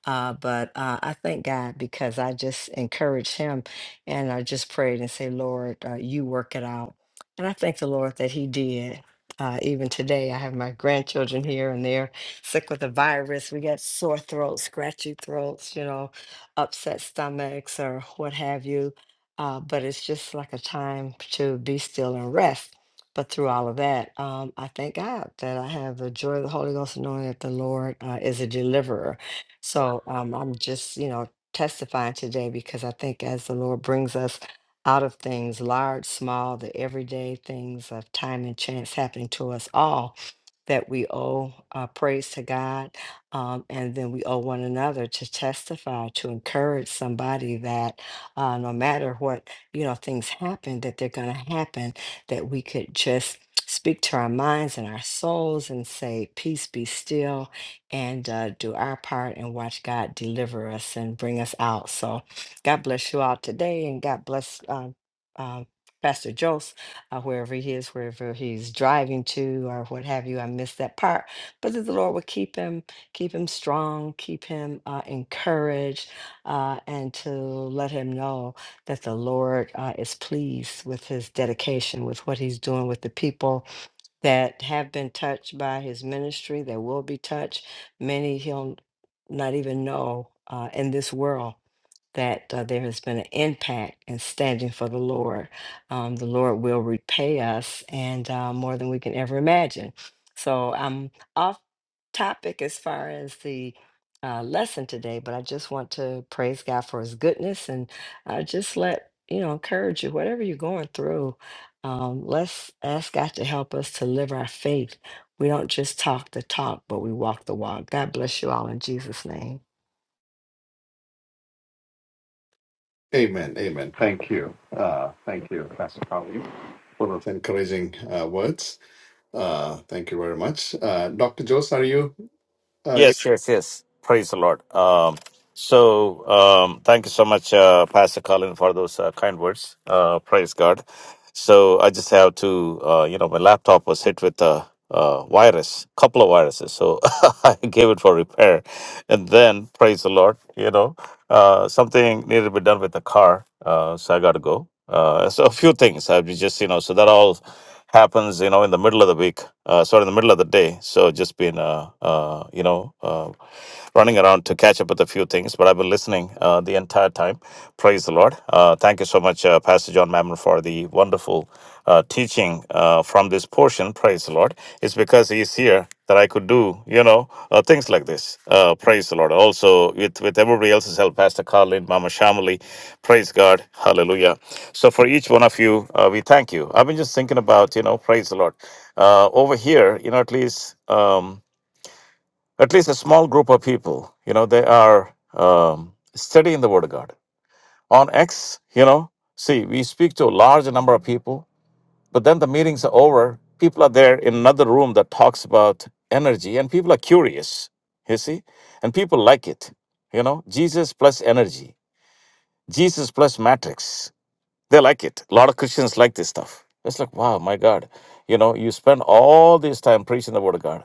Speaker 5: Uh, but uh, I thank God because I just encourage him and I just prayed and say, Lord, uh, you work it out. And I thank the Lord that he did. Uh, even today, I have my grandchildren here and they're sick with the virus. We got sore throats, scratchy throats, you know, upset stomachs or what have you. Uh, but it's just like a time to be still and rest but through all of that, um, I thank God that I have the joy of the Holy Ghost, and knowing that the Lord uh, is a deliverer. So um, I'm just, you know, testifying today because I think as the Lord brings us out of things, large, small, the everyday things of time and chance happening to us all, that we owe uh, praise to God. Um, and then we owe one another to testify, to encourage somebody that uh, no matter what, you know, things happen, that they're going to happen that we could just speak to our minds and our souls and say, Peace be still, and uh, do our part and watch God deliver us and bring us out. So, God bless you all today, and God bless. Uh, uh, Pastor Jose, uh, wherever he is, wherever he's driving to, or what have you, I missed that part. But that the Lord would keep him, keep him strong, keep him uh, encouraged, uh, and to let him know that the Lord uh, is pleased with his dedication, with what he's doing with the people that have been touched by his ministry, that will be touched. Many he'll not even know uh, in this world that uh, there has been an impact in standing for the Lord. Um, the Lord will repay us and uh, more than we can ever imagine. So I'm off topic as far as the uh, lesson today, but I just want to praise God for his goodness and uh, just let, you know, encourage you, whatever you're going through, um, let's ask God to help us to live our faith. We don't just talk the talk, but we walk the walk. God bless you all in Jesus' name.
Speaker 4: Amen. Amen. Thank you. Uh, thank you, Pastor Colleen, for those encouraging uh, words. Uh, thank you very much. Uh, Dr. Jose, are you uh,
Speaker 1: Yes, yes, yes. Praise the Lord. Um, so, um, thank you so much, uh, Pastor Colin, for those uh, kind words. Uh, praise God. So, I just have to, uh, you know, my laptop was hit with a, a virus, couple of viruses. So, [laughs] I gave it for repair. And then, praise the Lord, you know. Uh, something needed to be done with the car, uh, so I got to go. Uh, so [laughs] a few things I've just you know, so that all happens you know in the middle of the week, uh, sorry, in the middle of the day. So just been uh, uh, you know uh, running around to catch up with a few things, but I've been listening uh, the entire time. Praise the Lord. Uh, thank you so much, uh, Pastor John Mammon, for the wonderful uh, teaching uh, from this portion, praise the Lord, It's because He's here that I could do, you know, uh, things like this. Uh, praise the Lord. Also, with, with everybody else's help, Pastor Carlin, Mama Shamali, praise God, hallelujah. So, for each one of you, uh, we thank you. I've been just thinking about, you know, praise the Lord. Uh, over here, you know, at least, um, at least a small group of people, you know, they are um, studying the Word of God. On X, you know, see, we speak to a large number of people but then the meetings are over. People are there in another room that talks about energy, and people are curious, you see? And people like it. You know, Jesus plus energy, Jesus plus matrix. They like it. A lot of Christians like this stuff. It's like, wow, my God. You know, you spend all this time preaching the word of God.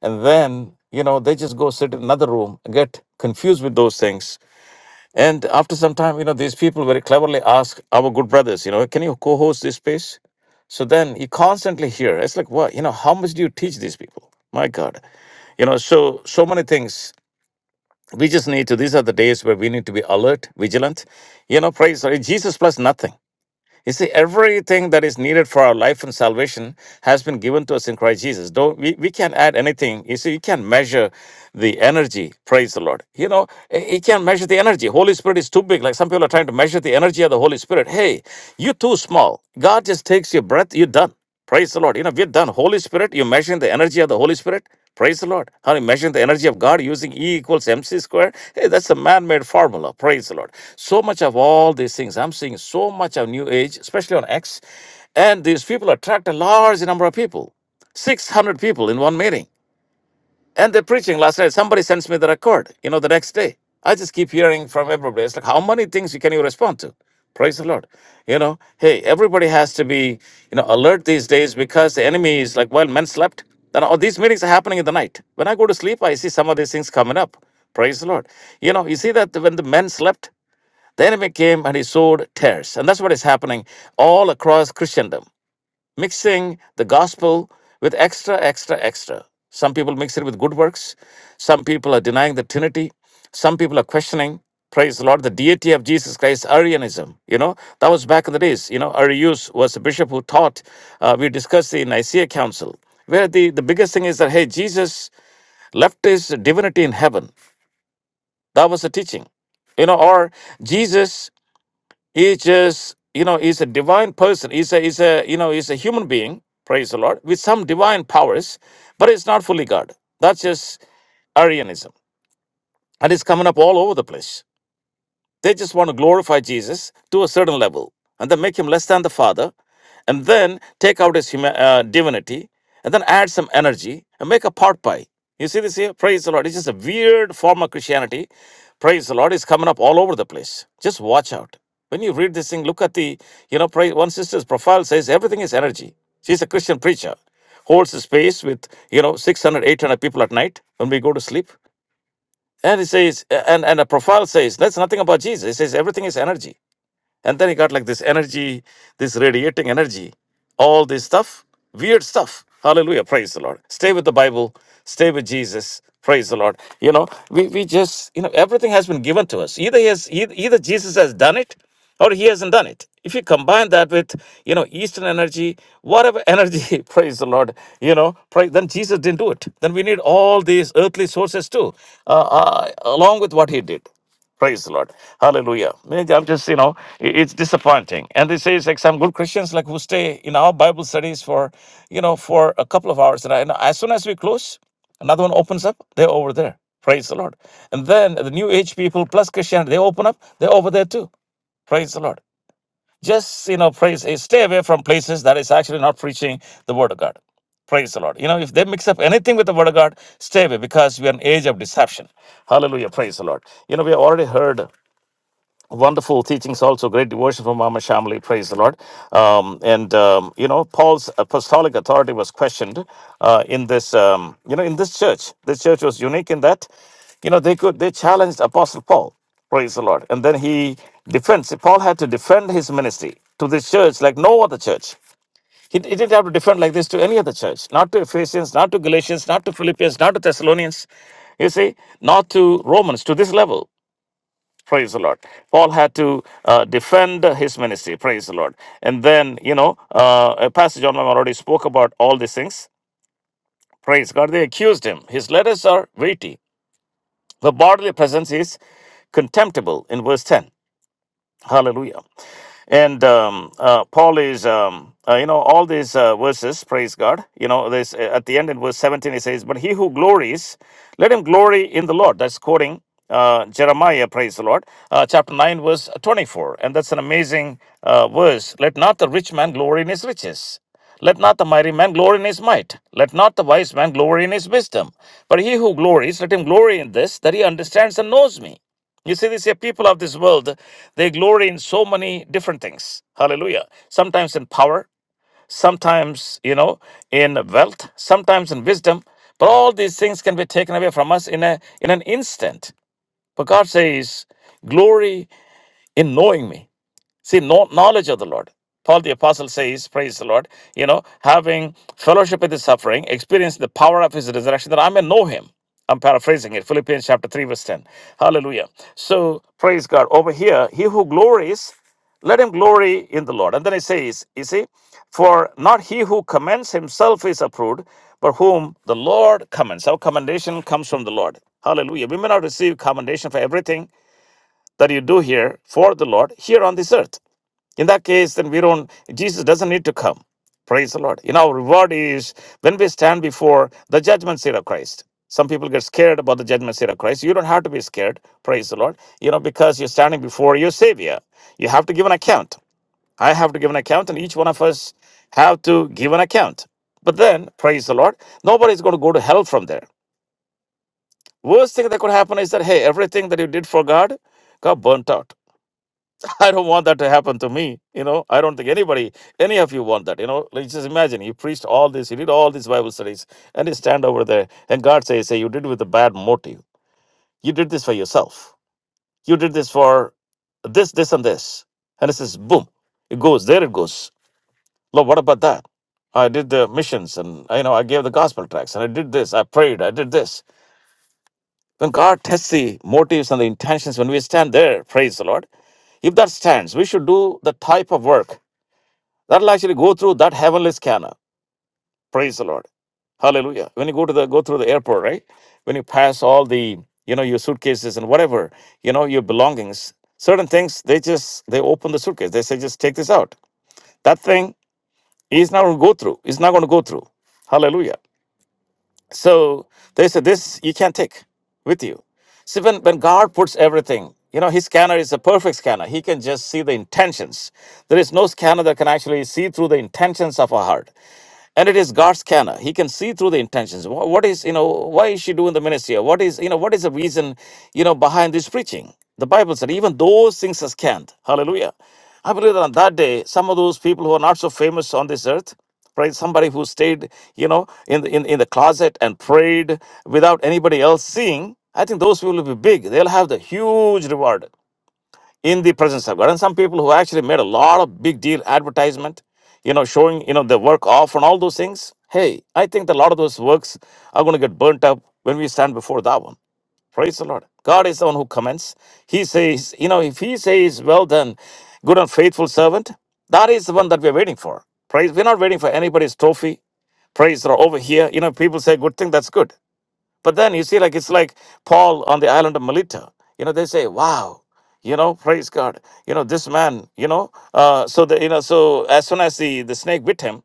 Speaker 1: And then, you know, they just go sit in another room, get confused with those things, and after some time, you know, these people very cleverly ask our good brothers, you know, can you co host this space? So then you constantly hear, it's like, what, you know, how much do you teach these people? My God. You know, so, so many things. We just need to, these are the days where we need to be alert, vigilant, you know, praise, sorry, Jesus plus nothing. You see, everything that is needed for our life and salvation has been given to us in Christ Jesus. Don't we, we can't add anything. You see, you can't measure the energy. Praise the Lord. You know, eh, you can't measure the energy. Holy Spirit is too big. Like some people are trying to measure the energy of the Holy Spirit. Hey, you're too small. God just takes your breath, you're done. Praise the Lord. You know, we're done. Holy Spirit, you measure the energy of the Holy Spirit. Praise the Lord. How you measure the energy of God using E equals MC squared. Hey, that's a man-made formula. Praise the Lord. So much of all these things. I'm seeing so much of New Age, especially on X. And these people attract a large number of people. 600 people in one meeting. And the preaching last night, somebody sends me the record, you know, the next day. I just keep hearing from everybody. It's like, how many things you can you respond to? Praise the Lord. You know, hey, everybody has to be, you know, alert these days because the enemy is like, well, men slept. Then all these meetings are happening in the night. When I go to sleep, I see some of these things coming up. Praise the Lord. You know, you see that when the men slept, the enemy came and he sowed tares. And that's what is happening all across Christendom mixing the gospel with extra, extra, extra. Some people mix it with good works. Some people are denying the Trinity. Some people are questioning, praise the Lord, the deity of Jesus Christ, Arianism. You know, that was back in the days. You know, Arius was a bishop who taught, uh, we discussed the Nicaea Council, where the, the biggest thing is that, hey, Jesus left his divinity in heaven. That was the teaching. You know, or Jesus He's just, you know, he's a divine person. He's a, he's a, you know, he's a human being, praise the Lord, with some divine powers, but it's not fully God. That's just Arianism. And it's coming up all over the place. They just want to glorify Jesus to a certain level and then make him less than the Father and then take out his huma- uh, divinity and then add some energy and make a pot pie. You see this here? Praise the Lord. It's just a weird form of Christianity. Praise the Lord. It's coming up all over the place. Just watch out. When you read this thing, look at the, you know, praise, one sister's profile says everything is energy. She's a Christian preacher, holds a space with, you know, 600, 800 people at night when we go to sleep. And it says, and, and a profile says, that's nothing about Jesus. It says everything is energy. And then he got like this energy, this radiating energy, all this stuff, weird stuff. Hallelujah. Praise the Lord. Stay with the Bible. Stay with Jesus. Praise the Lord. You know, we, we just, you know, everything has been given to us. Either he has, either, either Jesus has done it or he hasn't done it. If you combine that with, you know, Eastern energy, whatever energy, [laughs] praise the Lord, you know, praise, then Jesus didn't do it. Then we need all these earthly sources too, uh, uh, along with what he did. Praise the Lord. Hallelujah. Me- I'm just, you know, i- it's disappointing. And they say, it's like some good Christians like who stay in our Bible studies for, you know, for a couple of hours. And I, and as soon as we close, another one opens up, they're over there. Praise the Lord. And then the new age people plus Christianity, they open up, they're over there too. Praise the Lord. Just, you know, praise, eh, stay away from places that is actually not preaching the word of God. Praise the Lord. You know, if they mix up anything with the word of God, stay away because we are an age of deception. Hallelujah. Praise the Lord. You know, we have already heard Wonderful teachings, also great devotion from Mama Shamli. Praise the Lord. Um, and um, you know, Paul's apostolic authority was questioned uh, in this. Um, you know, in this church, this church was unique in that, you know, they could they challenged Apostle Paul. Praise the Lord. And then he defends. Paul had to defend his ministry to this church like no other church. He, he didn't have to defend like this to any other church. Not to Ephesians, not to Galatians, not to Philippians, not to Thessalonians. You see, not to Romans to this level. Praise the Lord. Paul had to uh, defend his ministry. Praise the Lord. And then, you know, uh, a Pastor John Mem already spoke about all these things. Praise God. They accused him. His letters are weighty. The bodily presence is contemptible in verse 10. Hallelujah. And um, uh, Paul is, um, uh, you know, all these uh, verses, praise God. You know, this uh, at the end in verse 17, he says, But he who glories, let him glory in the Lord. That's quoting uh, Jeremiah, praise the Lord, uh, chapter 9, verse 24. And that's an amazing uh, verse. Let not the rich man glory in his riches. Let not the mighty man glory in his might. Let not the wise man glory in his wisdom. But he who glories, let him glory in this, that he understands and knows me. You see, these people of this world, they glory in so many different things. Hallelujah. Sometimes in power, sometimes, you know, in wealth, sometimes in wisdom. But all these things can be taken away from us in a in an instant. But God says, Glory in knowing me. See, no knowledge of the Lord. Paul the Apostle says, Praise the Lord, you know, having fellowship with his suffering, experience the power of his resurrection, that I may know him. I'm paraphrasing it. Philippians chapter 3, verse 10. Hallelujah. So, praise God. Over here, he who glories, let him glory in the Lord. And then he says, You see, for not he who commends himself is approved, but whom the Lord commends. Our commendation comes from the Lord. Hallelujah. We may not receive commendation for everything that you do here for the Lord here on this earth. In that case, then we don't, Jesus doesn't need to come. Praise the Lord. You know, our reward is when we stand before the judgment seat of Christ. Some people get scared about the judgment seat of Christ. You don't have to be scared. Praise the Lord. You know, because you're standing before your Savior. You have to give an account. I have to give an account, and each one of us have to give an account. But then, praise the Lord, nobody's going to go to hell from there. Worst thing that could happen is that, hey, everything that you did for God got burnt out. [laughs] I don't want that to happen to me. You know, I don't think anybody, any of you want that. You know, like just imagine you preached all this, you did all these Bible studies, and you stand over there, and God says, Say, you did it with a bad motive. You did this for yourself. You did this for this, this, and this. And it says, boom, it goes, there it goes. Lord, what about that? I did the missions and you know, I gave the gospel tracts and I did this, I prayed, I did this. When God tests the motives and the intentions when we stand there, praise the Lord. If that stands, we should do the type of work That'll actually go through that heavenly scanner. Praise the Lord. Hallelujah. When you go to the go through the airport, right? When you pass all the, you know, your suitcases and whatever, you know, your belongings, certain things, they just they open the suitcase. They say, just take this out. That thing is not gonna go through. It's not gonna go through. Hallelujah. So they said, This you can't take with you. See, when, when God puts everything, you know, his scanner is a perfect scanner. He can just see the intentions. There is no scanner that can actually see through the intentions of our heart and it is God's scanner. He can see through the intentions. Wh- What is, you know, why is she doing the ministry? Or What is, you know, what is the reason, you know, behind this preaching? The Bible said even those things are scanned. Hallelujah. I believe that on that day, some of those people who are not so famous on this earth, right? Somebody who stayed, you know, in the, in, in the closet and prayed without anybody else seeing. I think those people will be big. They'll have the huge reward in the presence of God. And some people who actually made a lot of big deal advertisement, you know, showing, you know, the work off and all those things. Hey, I think that a lot of those works are going to get burnt up when we stand before that one. Praise the Lord. God is the one who commends. He says, you know, if he says, well done, good and faithful servant, that is the one that we're waiting for. Praise. We're not waiting for anybody's trophy. Praise the Lord. Over here, you know, people say good thing, that's good. But then you see, like it's like Paul on the island of Melita. You know, they say, "Wow, you know, praise God." You know, this man. You know, uh, so the you know, so as soon as the the snake bit him,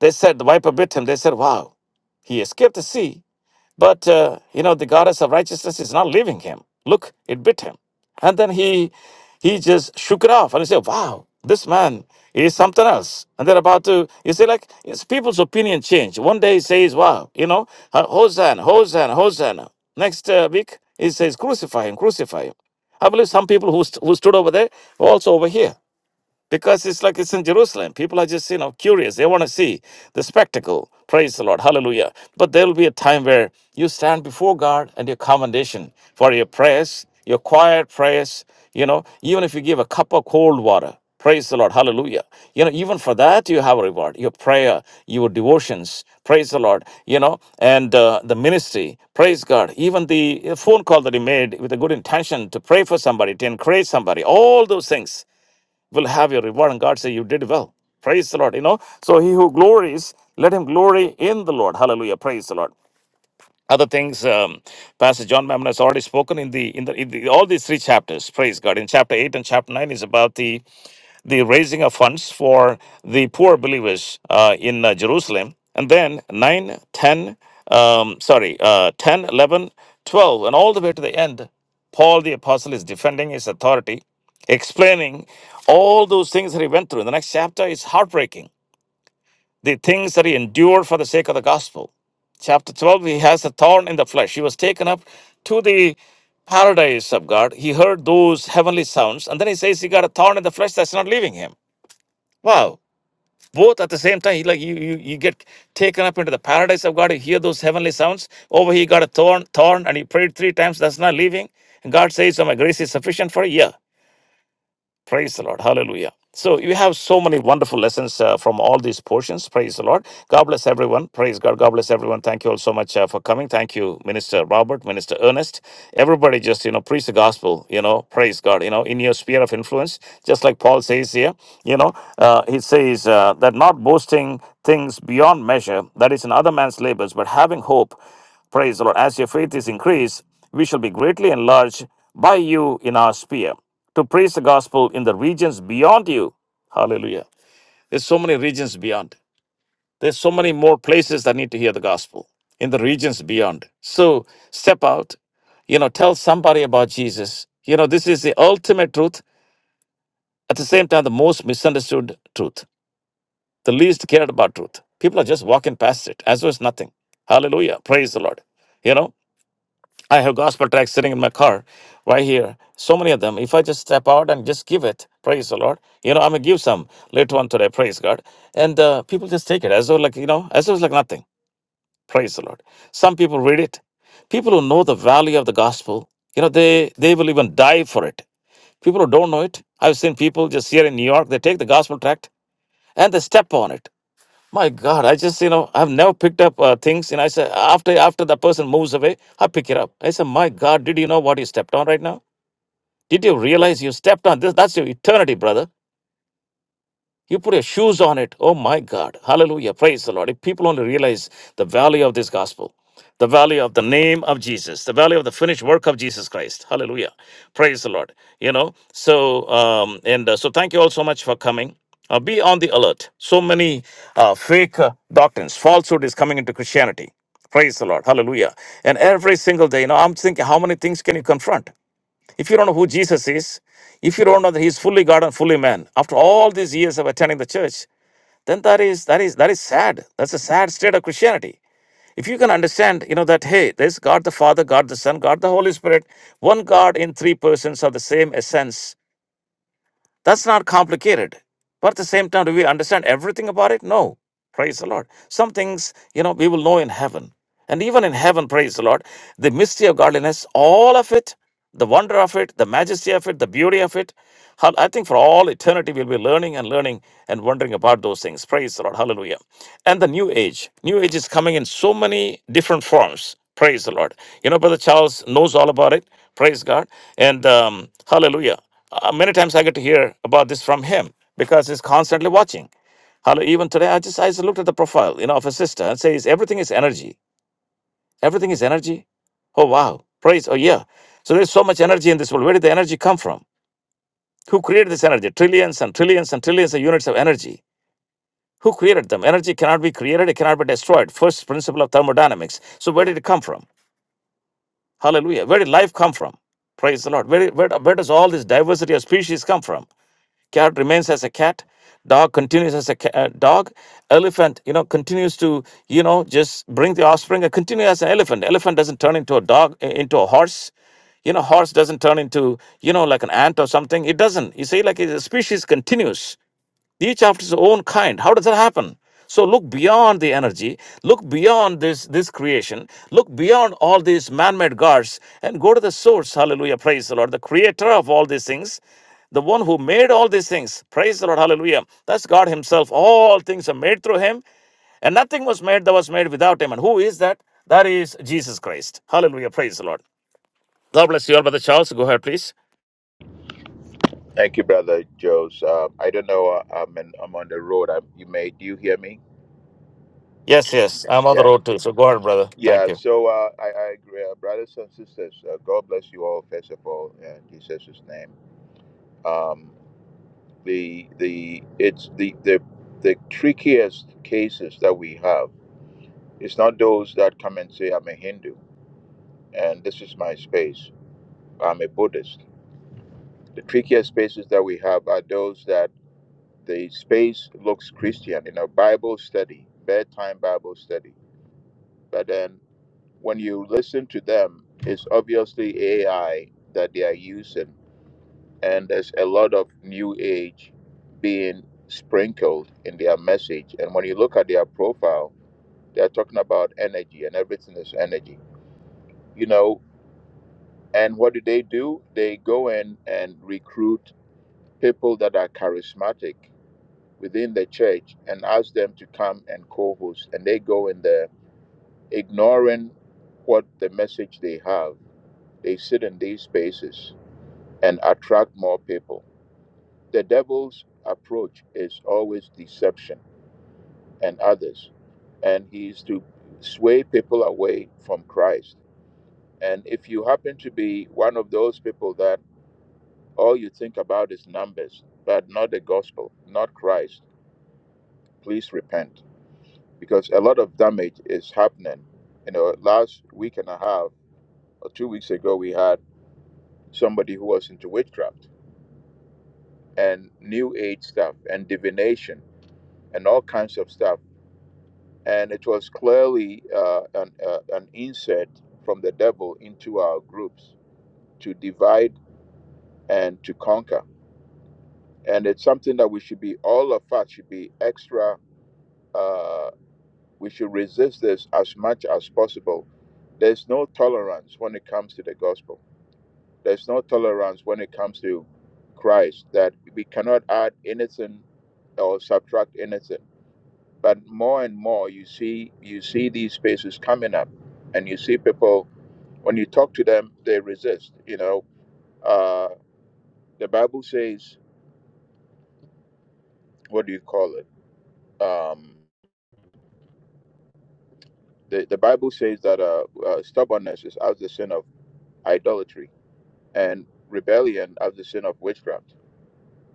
Speaker 1: they said the viper bit him. They said, "Wow, he escaped the sea." But, uh, you know, the goddess of righteousness is not leaving him. Look, it bit him. And then he he just shook it off and he said, wow, this man is something else. And they're about to, you see, like, it's people's opinion change. One day he says, wow, you know, uh, Hosanna, Hosanna, Hosanna. Next uh, week, he says, crucify him, crucify him. I believe some people who, st- who stood over there were also over here because it's like it's in Jerusalem. People are just, you know, curious. They want to see the spectacle. Praise the Lord. Hallelujah. But there will be a time where you stand before God and your commendation for your prayers, your quiet prayers, you know, even if you give a cup of cold water. Praise the Lord. Hallelujah. You know, even for that, you have a reward. Your prayer, your devotions. Praise the Lord. You know, and uh, the ministry. Praise God. Even the phone call that he made with a good intention to pray for somebody, to encourage somebody. All those things will have your reward. And God say, You did well. Praise the Lord. You know, so he who glories, let him glory in the Lord. Hallelujah. Praise the Lord. Other things, um, Pastor John Mammon has already spoken in the in the, in the all these three chapters. Praise God. In chapter eight and chapter nine is about the the raising of funds for the poor believers uh, in uh, Jerusalem. And then 9, 10, um, sorry, uh, 10, eleven, twelve, and all the way to the end, Paul the Apostle is defending his authority, explaining all those things that he went through. In the next chapter is heartbreaking, the things that he endured for the sake of the gospel. Chapter 12, he has a thorn in the flesh. He was taken up to the paradise of God. He heard those heavenly sounds, and then he says he got a thorn in the flesh that's not leaving him. Wow. Both at the same time, like you, you, you get taken up into the paradise of God. You hear those heavenly sounds. Over here, you got a thorn, thorn, and you prayed three times. That's not leaving. And God says, "So my grace is sufficient for you." Yeah. Praise the Lord. Hallelujah. So you have so many wonderful lessons uh, from all these portions. Praise the Lord. God bless everyone. Praise God. God bless everyone. Thank you all so much uh, for coming. Thank you, Minister Robert, Minister Ernest. Everybody just, you know, preach the gospel, you know, praise God, you know, in your sphere of influence. Just like Paul says here, you know, uh, he says uh, that not boasting things beyond measure, that is in other man's labors, but having hope, praise the Lord, as your faith is increased, we shall be greatly enlarged by you in our sphere to preach the gospel in the regions beyond you. Hallelujah. There's so many regions beyond. There's so many more places that need to hear the gospel in the regions beyond. So step out, you know, tell somebody about Jesus. You know, this is the ultimate truth, at the same time, the most misunderstood truth, the least cared about truth. People are just walking past it as though it's nothing. Hallelujah. Praise the Lord. You know? I have gospel tracks sitting in my car right here. So many of them. If I just step out and just give it, praise the Lord. You know, I'm going to give some later on today, praise God. And uh, people just take it as though, like, you know, as though it's like nothing, praise the Lord. Some people read it. People who know the value of the gospel, you know, they, they will even die for it. People who don't know it, I've seen people just here in New York, they take the gospel tract and they step on it. My God, I just you know I've never picked up uh, things, and I said after after the person moves away, I pick it up. I said, my God, did you know what you stepped on right now? Did you realize you stepped on this? That's your eternity, brother. You put your shoes on it. Oh my God. Hallelujah. Praise the Lord. If people only realize the value of this gospel, the value of the name of Jesus, the value of the finished work of Jesus Christ. Hallelujah. Praise the Lord. You know, so, um, and uh, so thank you all so much for coming. Uh, be on the alert. So many uh, fake uh, doctrines, falsehood is coming into Christianity. Praise the Lord. Hallelujah. And every single day, you know, I'm thinking, how many things can you confront? If you don't know who Jesus is, if you don't know that He is fully God and fully man, after all these years of attending the church, then that is that is that is sad. That's a sad state of Christianity. If you can understand, you know, that hey, there's God the Father, God the Son, God the Holy Spirit, one God in three persons of the same essence. That's not complicated. But at the same time, do we understand everything about it? No. Praise the Lord. Some things, you know, we will know in heaven. And even in heaven, praise the Lord, the mystery of godliness, all of it, the wonder of it, the majesty of it, the beauty of it. how- I think for all eternity, we'll be learning and learning and wondering about those things. Praise the Lord. Hallelujah. And the new age. New age is coming in so many different forms. Praise the Lord. You know, Brother Charles knows all about it. Praise God. And um, hallelujah. Uh, many times I get to hear about this from him because he's constantly watching. Hello, even today I just I just looked at the profile, you know, of a sister and says everything is energy. Everything is energy. Oh wow. Praise. Oh yeah. So there's so much energy in this world. Where did the energy come from? Who created this energy? Trillions and trillions and trillions of units of energy. Who created them? Energy cannot be created, it cannot be destroyed. First principle of thermodynamics. So where did it come from? Hallelujah. Where did life come from? Praise the Lord. Where, where, where does all this diversity of species come from? Cat remains as a cat. Dog continues as a ca- uh, dog. Elephant, you know, continues to, you know, just bring the offspring and continue as an elephant. Elephant doesn't turn into a dog, uh, into a horse. You know, horse doesn't turn into, you know, like an ant or something. It doesn't. You see, like the species continues each after its own kind how does that happen so look beyond the energy look beyond this this creation look beyond all these man-made gods and go to the source hallelujah praise the lord the creator of all these things the one who made all these things praise the lord hallelujah that's god himself all things are made through him and nothing was made that was made without him and who is that that is jesus christ hallelujah praise the lord god bless you all brother charles go ahead please
Speaker 6: Thank you, brother Joes. Uh, I don't know. Uh, I'm in, I'm on the road. i you may. Do you hear me?
Speaker 1: yes yes i'm on the
Speaker 6: Yeah.
Speaker 1: road too so go ahead brother thank
Speaker 6: Yeah.
Speaker 1: you
Speaker 6: So uh, I, I agree, uh, brothers and sisters. Uh, God bless you all. First of all, in Jesus' name. Um, the the it's the the the trickiest cases that we have. It's not those that come and say I'm a Hindu and this is my space. I'm a Buddhist. The trickiest spaces that we have are those that the space looks Christian in a Bible study, bedtime Bible study. But then when you listen to them, it's obviously AI that they are using. And there's a lot of new age being sprinkled in their message. And when you look at their profile, they're talking about energy and everything is energy, you know. And what do they do? They go in and recruit people that are charismatic within the church and ask them to come and co-host and they go in there ignoring what the message they have they sit in these spaces and attract more people the devil's approach is always deception and others and he's to sway people away from christ and if you happen to be one of those people that all you think about is numbers but not the gospel not christ please repent because a lot of damage is happening. You know, last week and a half or two weeks ago, we had somebody who was into witchcraft and new age stuff and divination and all kinds of stuff. And it was clearly uh, an, uh, an insert from the devil into our groups to divide and to conquer. And it's something that we should be, all of us should be extra, uh, we should resist this as much as possible. There's no tolerance when it comes to the gospel There's no tolerance when it comes to Christ, that we cannot add anything or subtract anything. But more and more you see you see these spaces coming up and you see people when you talk to them they resist. You know, uh, the Bible says what do you call it? Um, the, the Bible says that uh, uh, stubbornness is as the sin of idolatry and rebellion as the sin of witchcraft.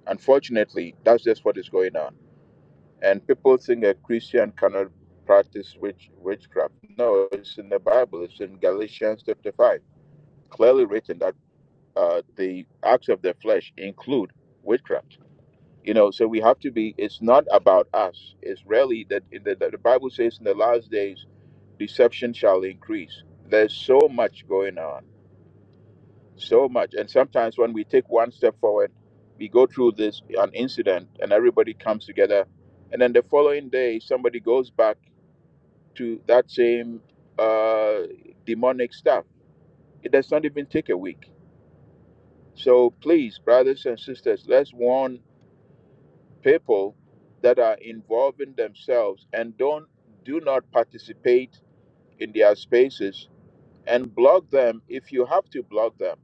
Speaker 6: Unfortunately, that's just what is going on And people think a Christian cannot practice witch, witchcraft. No, it's in the Bible. It's in Galatians chapter 5, clearly written that uh, the acts of the flesh include witchcraft. You know, so we have to be, it's not about us. It's really that in the, the Bible says in the last days, deception shall increase. There's so much going on, so much. And sometimes when we take one step forward, we go through this, an incident, and everybody comes together. And then the following day, somebody goes back to that same uh, demonic stuff. It does not even take a week. So please, brothers and sisters, let's warn people that are involving themselves and don't do not participate in their spaces and block them if you have to block them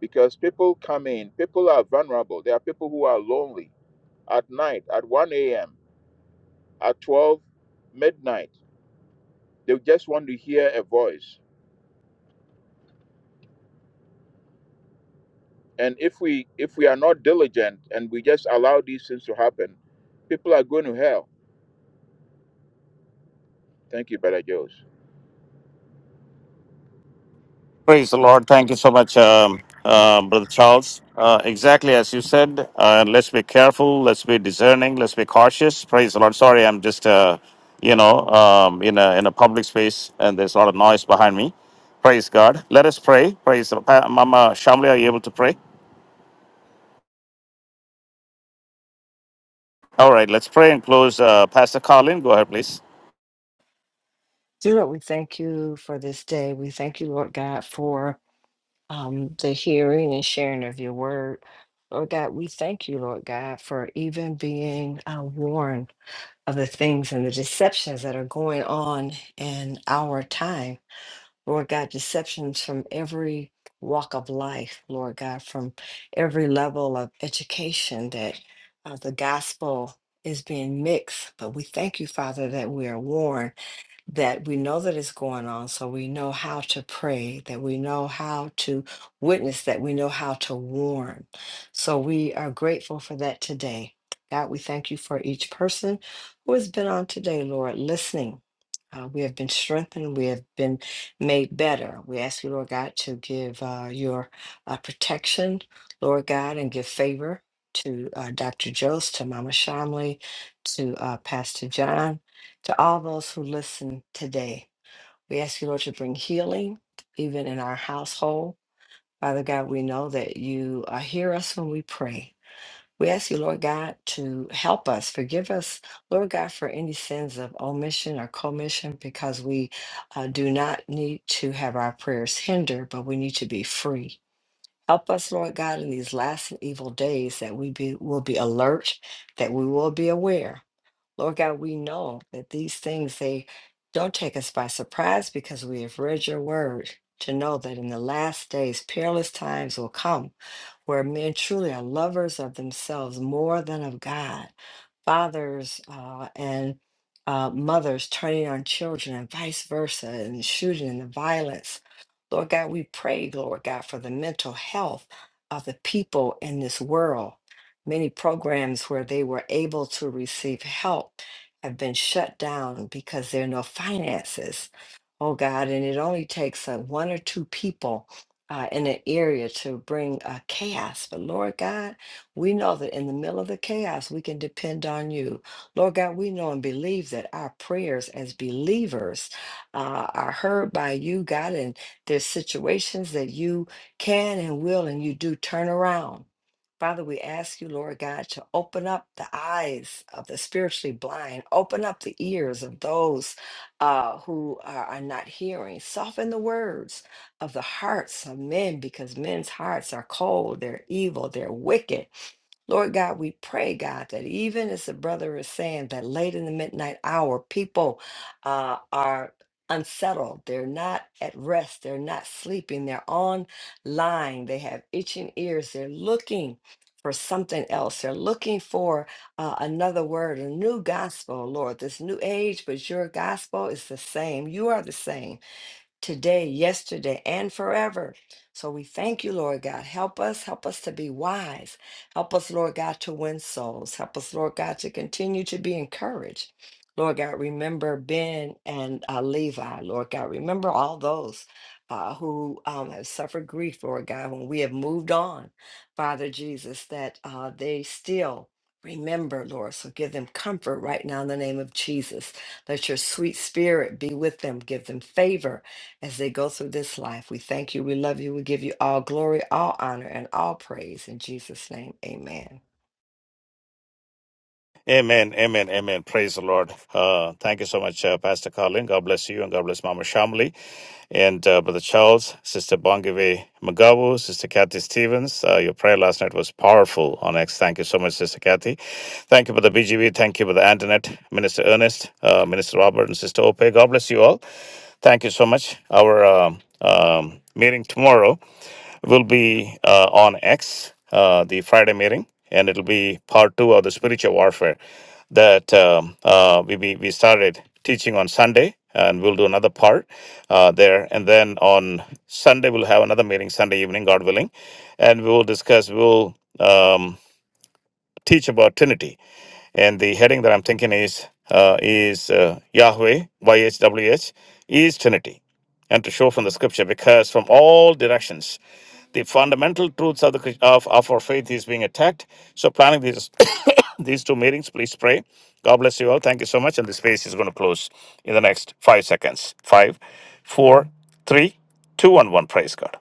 Speaker 6: because people come in people are vulnerable there are people who are lonely at night at 1 a.m at 12 midnight they just want to hear a voice And if we if we are not diligent and we just allow these things to happen, people are going to hell. Thank you, Brother Joe.
Speaker 1: Praise the Lord. Thank you so much, um, uh, Brother Charles. Uh, exactly as you said, uh, let's be careful, let's be discerning, let's be cautious. Praise the Lord. Sorry, I'm just, uh, you know, um, in, a, in a public space and there's a lot of noise behind me. Praise God. Let us pray. Praise the Pa- Mama Shamli, are you able to pray? All right, let's pray and close. Uh, Pastor Carlin, go ahead, please.
Speaker 5: Dear Lord, we thank you for this day. We thank you, Lord God, for um, the hearing and sharing of your word. Lord God, we thank you, Lord God, for even being uh, warned of the things and the deceptions that are going on in our time. Lord God, deceptions from every walk of life, Lord God, from every level of education that uh, the gospel is being mixed. But we thank you, Father, that we are warned that we know that it's going on, so we know how to pray, that we know how to witness, that we know how to warn. So we are grateful for that today. God, we thank you for each person who has been on today, Lord, listening. Uh, we have been strengthened. We have been made better. We ask you, Lord God, to give uh, your uh, protection, Lord God, and give favor to uh, Dr. Jost, to Mama Shamley, to uh, Pastor John, to all those who listen today. We ask you, Lord, to bring healing even in our household. Father God, we know that you uh, hear us when we pray. We ask you, Lord God, to help us, forgive us, Lord God, for any sins of omission or commission, because we uh, do not need to have our prayers hindered, but we need to be free. Help us, Lord God, in these last and evil days that we be, will be alert, that we will be aware, Lord God, we know that these things, they don't take us by surprise because we have read your word to know that in the last days, perilous times will come where men truly are lovers of themselves more than of God. Fathers uh, and uh, mothers turning on children and vice versa, and the shooting and the violence. Lord God, we pray, Lord God, for the mental health of the people in this world. Many programs where they were able to receive help have been shut down because there are no finances. Oh God, and it only takes uh, one or two people uh, in an area to bring uh, chaos. But Lord God, we know that in the middle of the chaos, we can depend on you. Lord God, we know and believe that our prayers as believers uh, are heard by you, God, and there's situations that you can and will and you do turn around. Father, we ask you, Lord God, to open up the eyes of the spiritually blind, open up the ears of those uh, who are, are not hearing, soften the words of the hearts of men because men's hearts are cold, they're evil, they're wicked. Lord God, we pray, God, that even as the brother is saying that late in the midnight hour, people uh, are unsettled. They're not at rest. They're not sleeping. They're online. They have itching ears. They're looking for something else. They're looking for uh, another word, a new gospel, Lord, this new age, but your gospel is the same. You are the same today, yesterday, and forever. So we thank you, Lord God. Help us, help us to be wise. Help us, Lord God, to win souls. Help us, Lord God, to continue to be encouraged. Lord God, remember Ben and uh, Levi, Lord God. Remember all those uh, who um, have suffered grief, Lord God, when we have moved on, Father Jesus, that uh, they still remember, Lord. So give them comfort right now in the name of Jesus. Let your sweet spirit be with them. Give them favor as they go through this life. We thank you. We love you. We give you all glory, all honor, and all praise. In Jesus' name, amen.
Speaker 1: Amen, amen, amen. Praise the Lord. Uh, thank you so much, uh, Pastor Carlin. God bless you and God bless Mama Shamli. and uh, Brother Charles, Sister Bongiwe Magabu, Sister Kathy Stevens. Uh, your prayer last night was powerful on X. Thank you so much, Sister Kathy. Thank you for the BGV. Thank you for the Antoinette, Minister Ernest, uh, Minister Robert, and Sister Ope. God bless you all. Thank you so much. Our um, um, meeting tomorrow will be uh, on X, uh, the Friday meeting, and it'll be part two of the spiritual warfare that um, uh, we, we we started teaching on Sunday, and we'll do another part uh, there. And then on Sunday, we'll have another meeting, Sunday evening, God willing, and we will discuss, we'll um, teach about Trinity. And the heading that I'm thinking is uh, is uh, Yahweh, YHWH, is Trinity. And to show from the scripture, because from all directions, the fundamental truths of the of, of our faith is being attacked. So planning these [coughs] these two meetings, please pray. God bless you all. Thank you so much. And the space is going to close in the next five seconds. Five, four, three, two, and one. Praise God.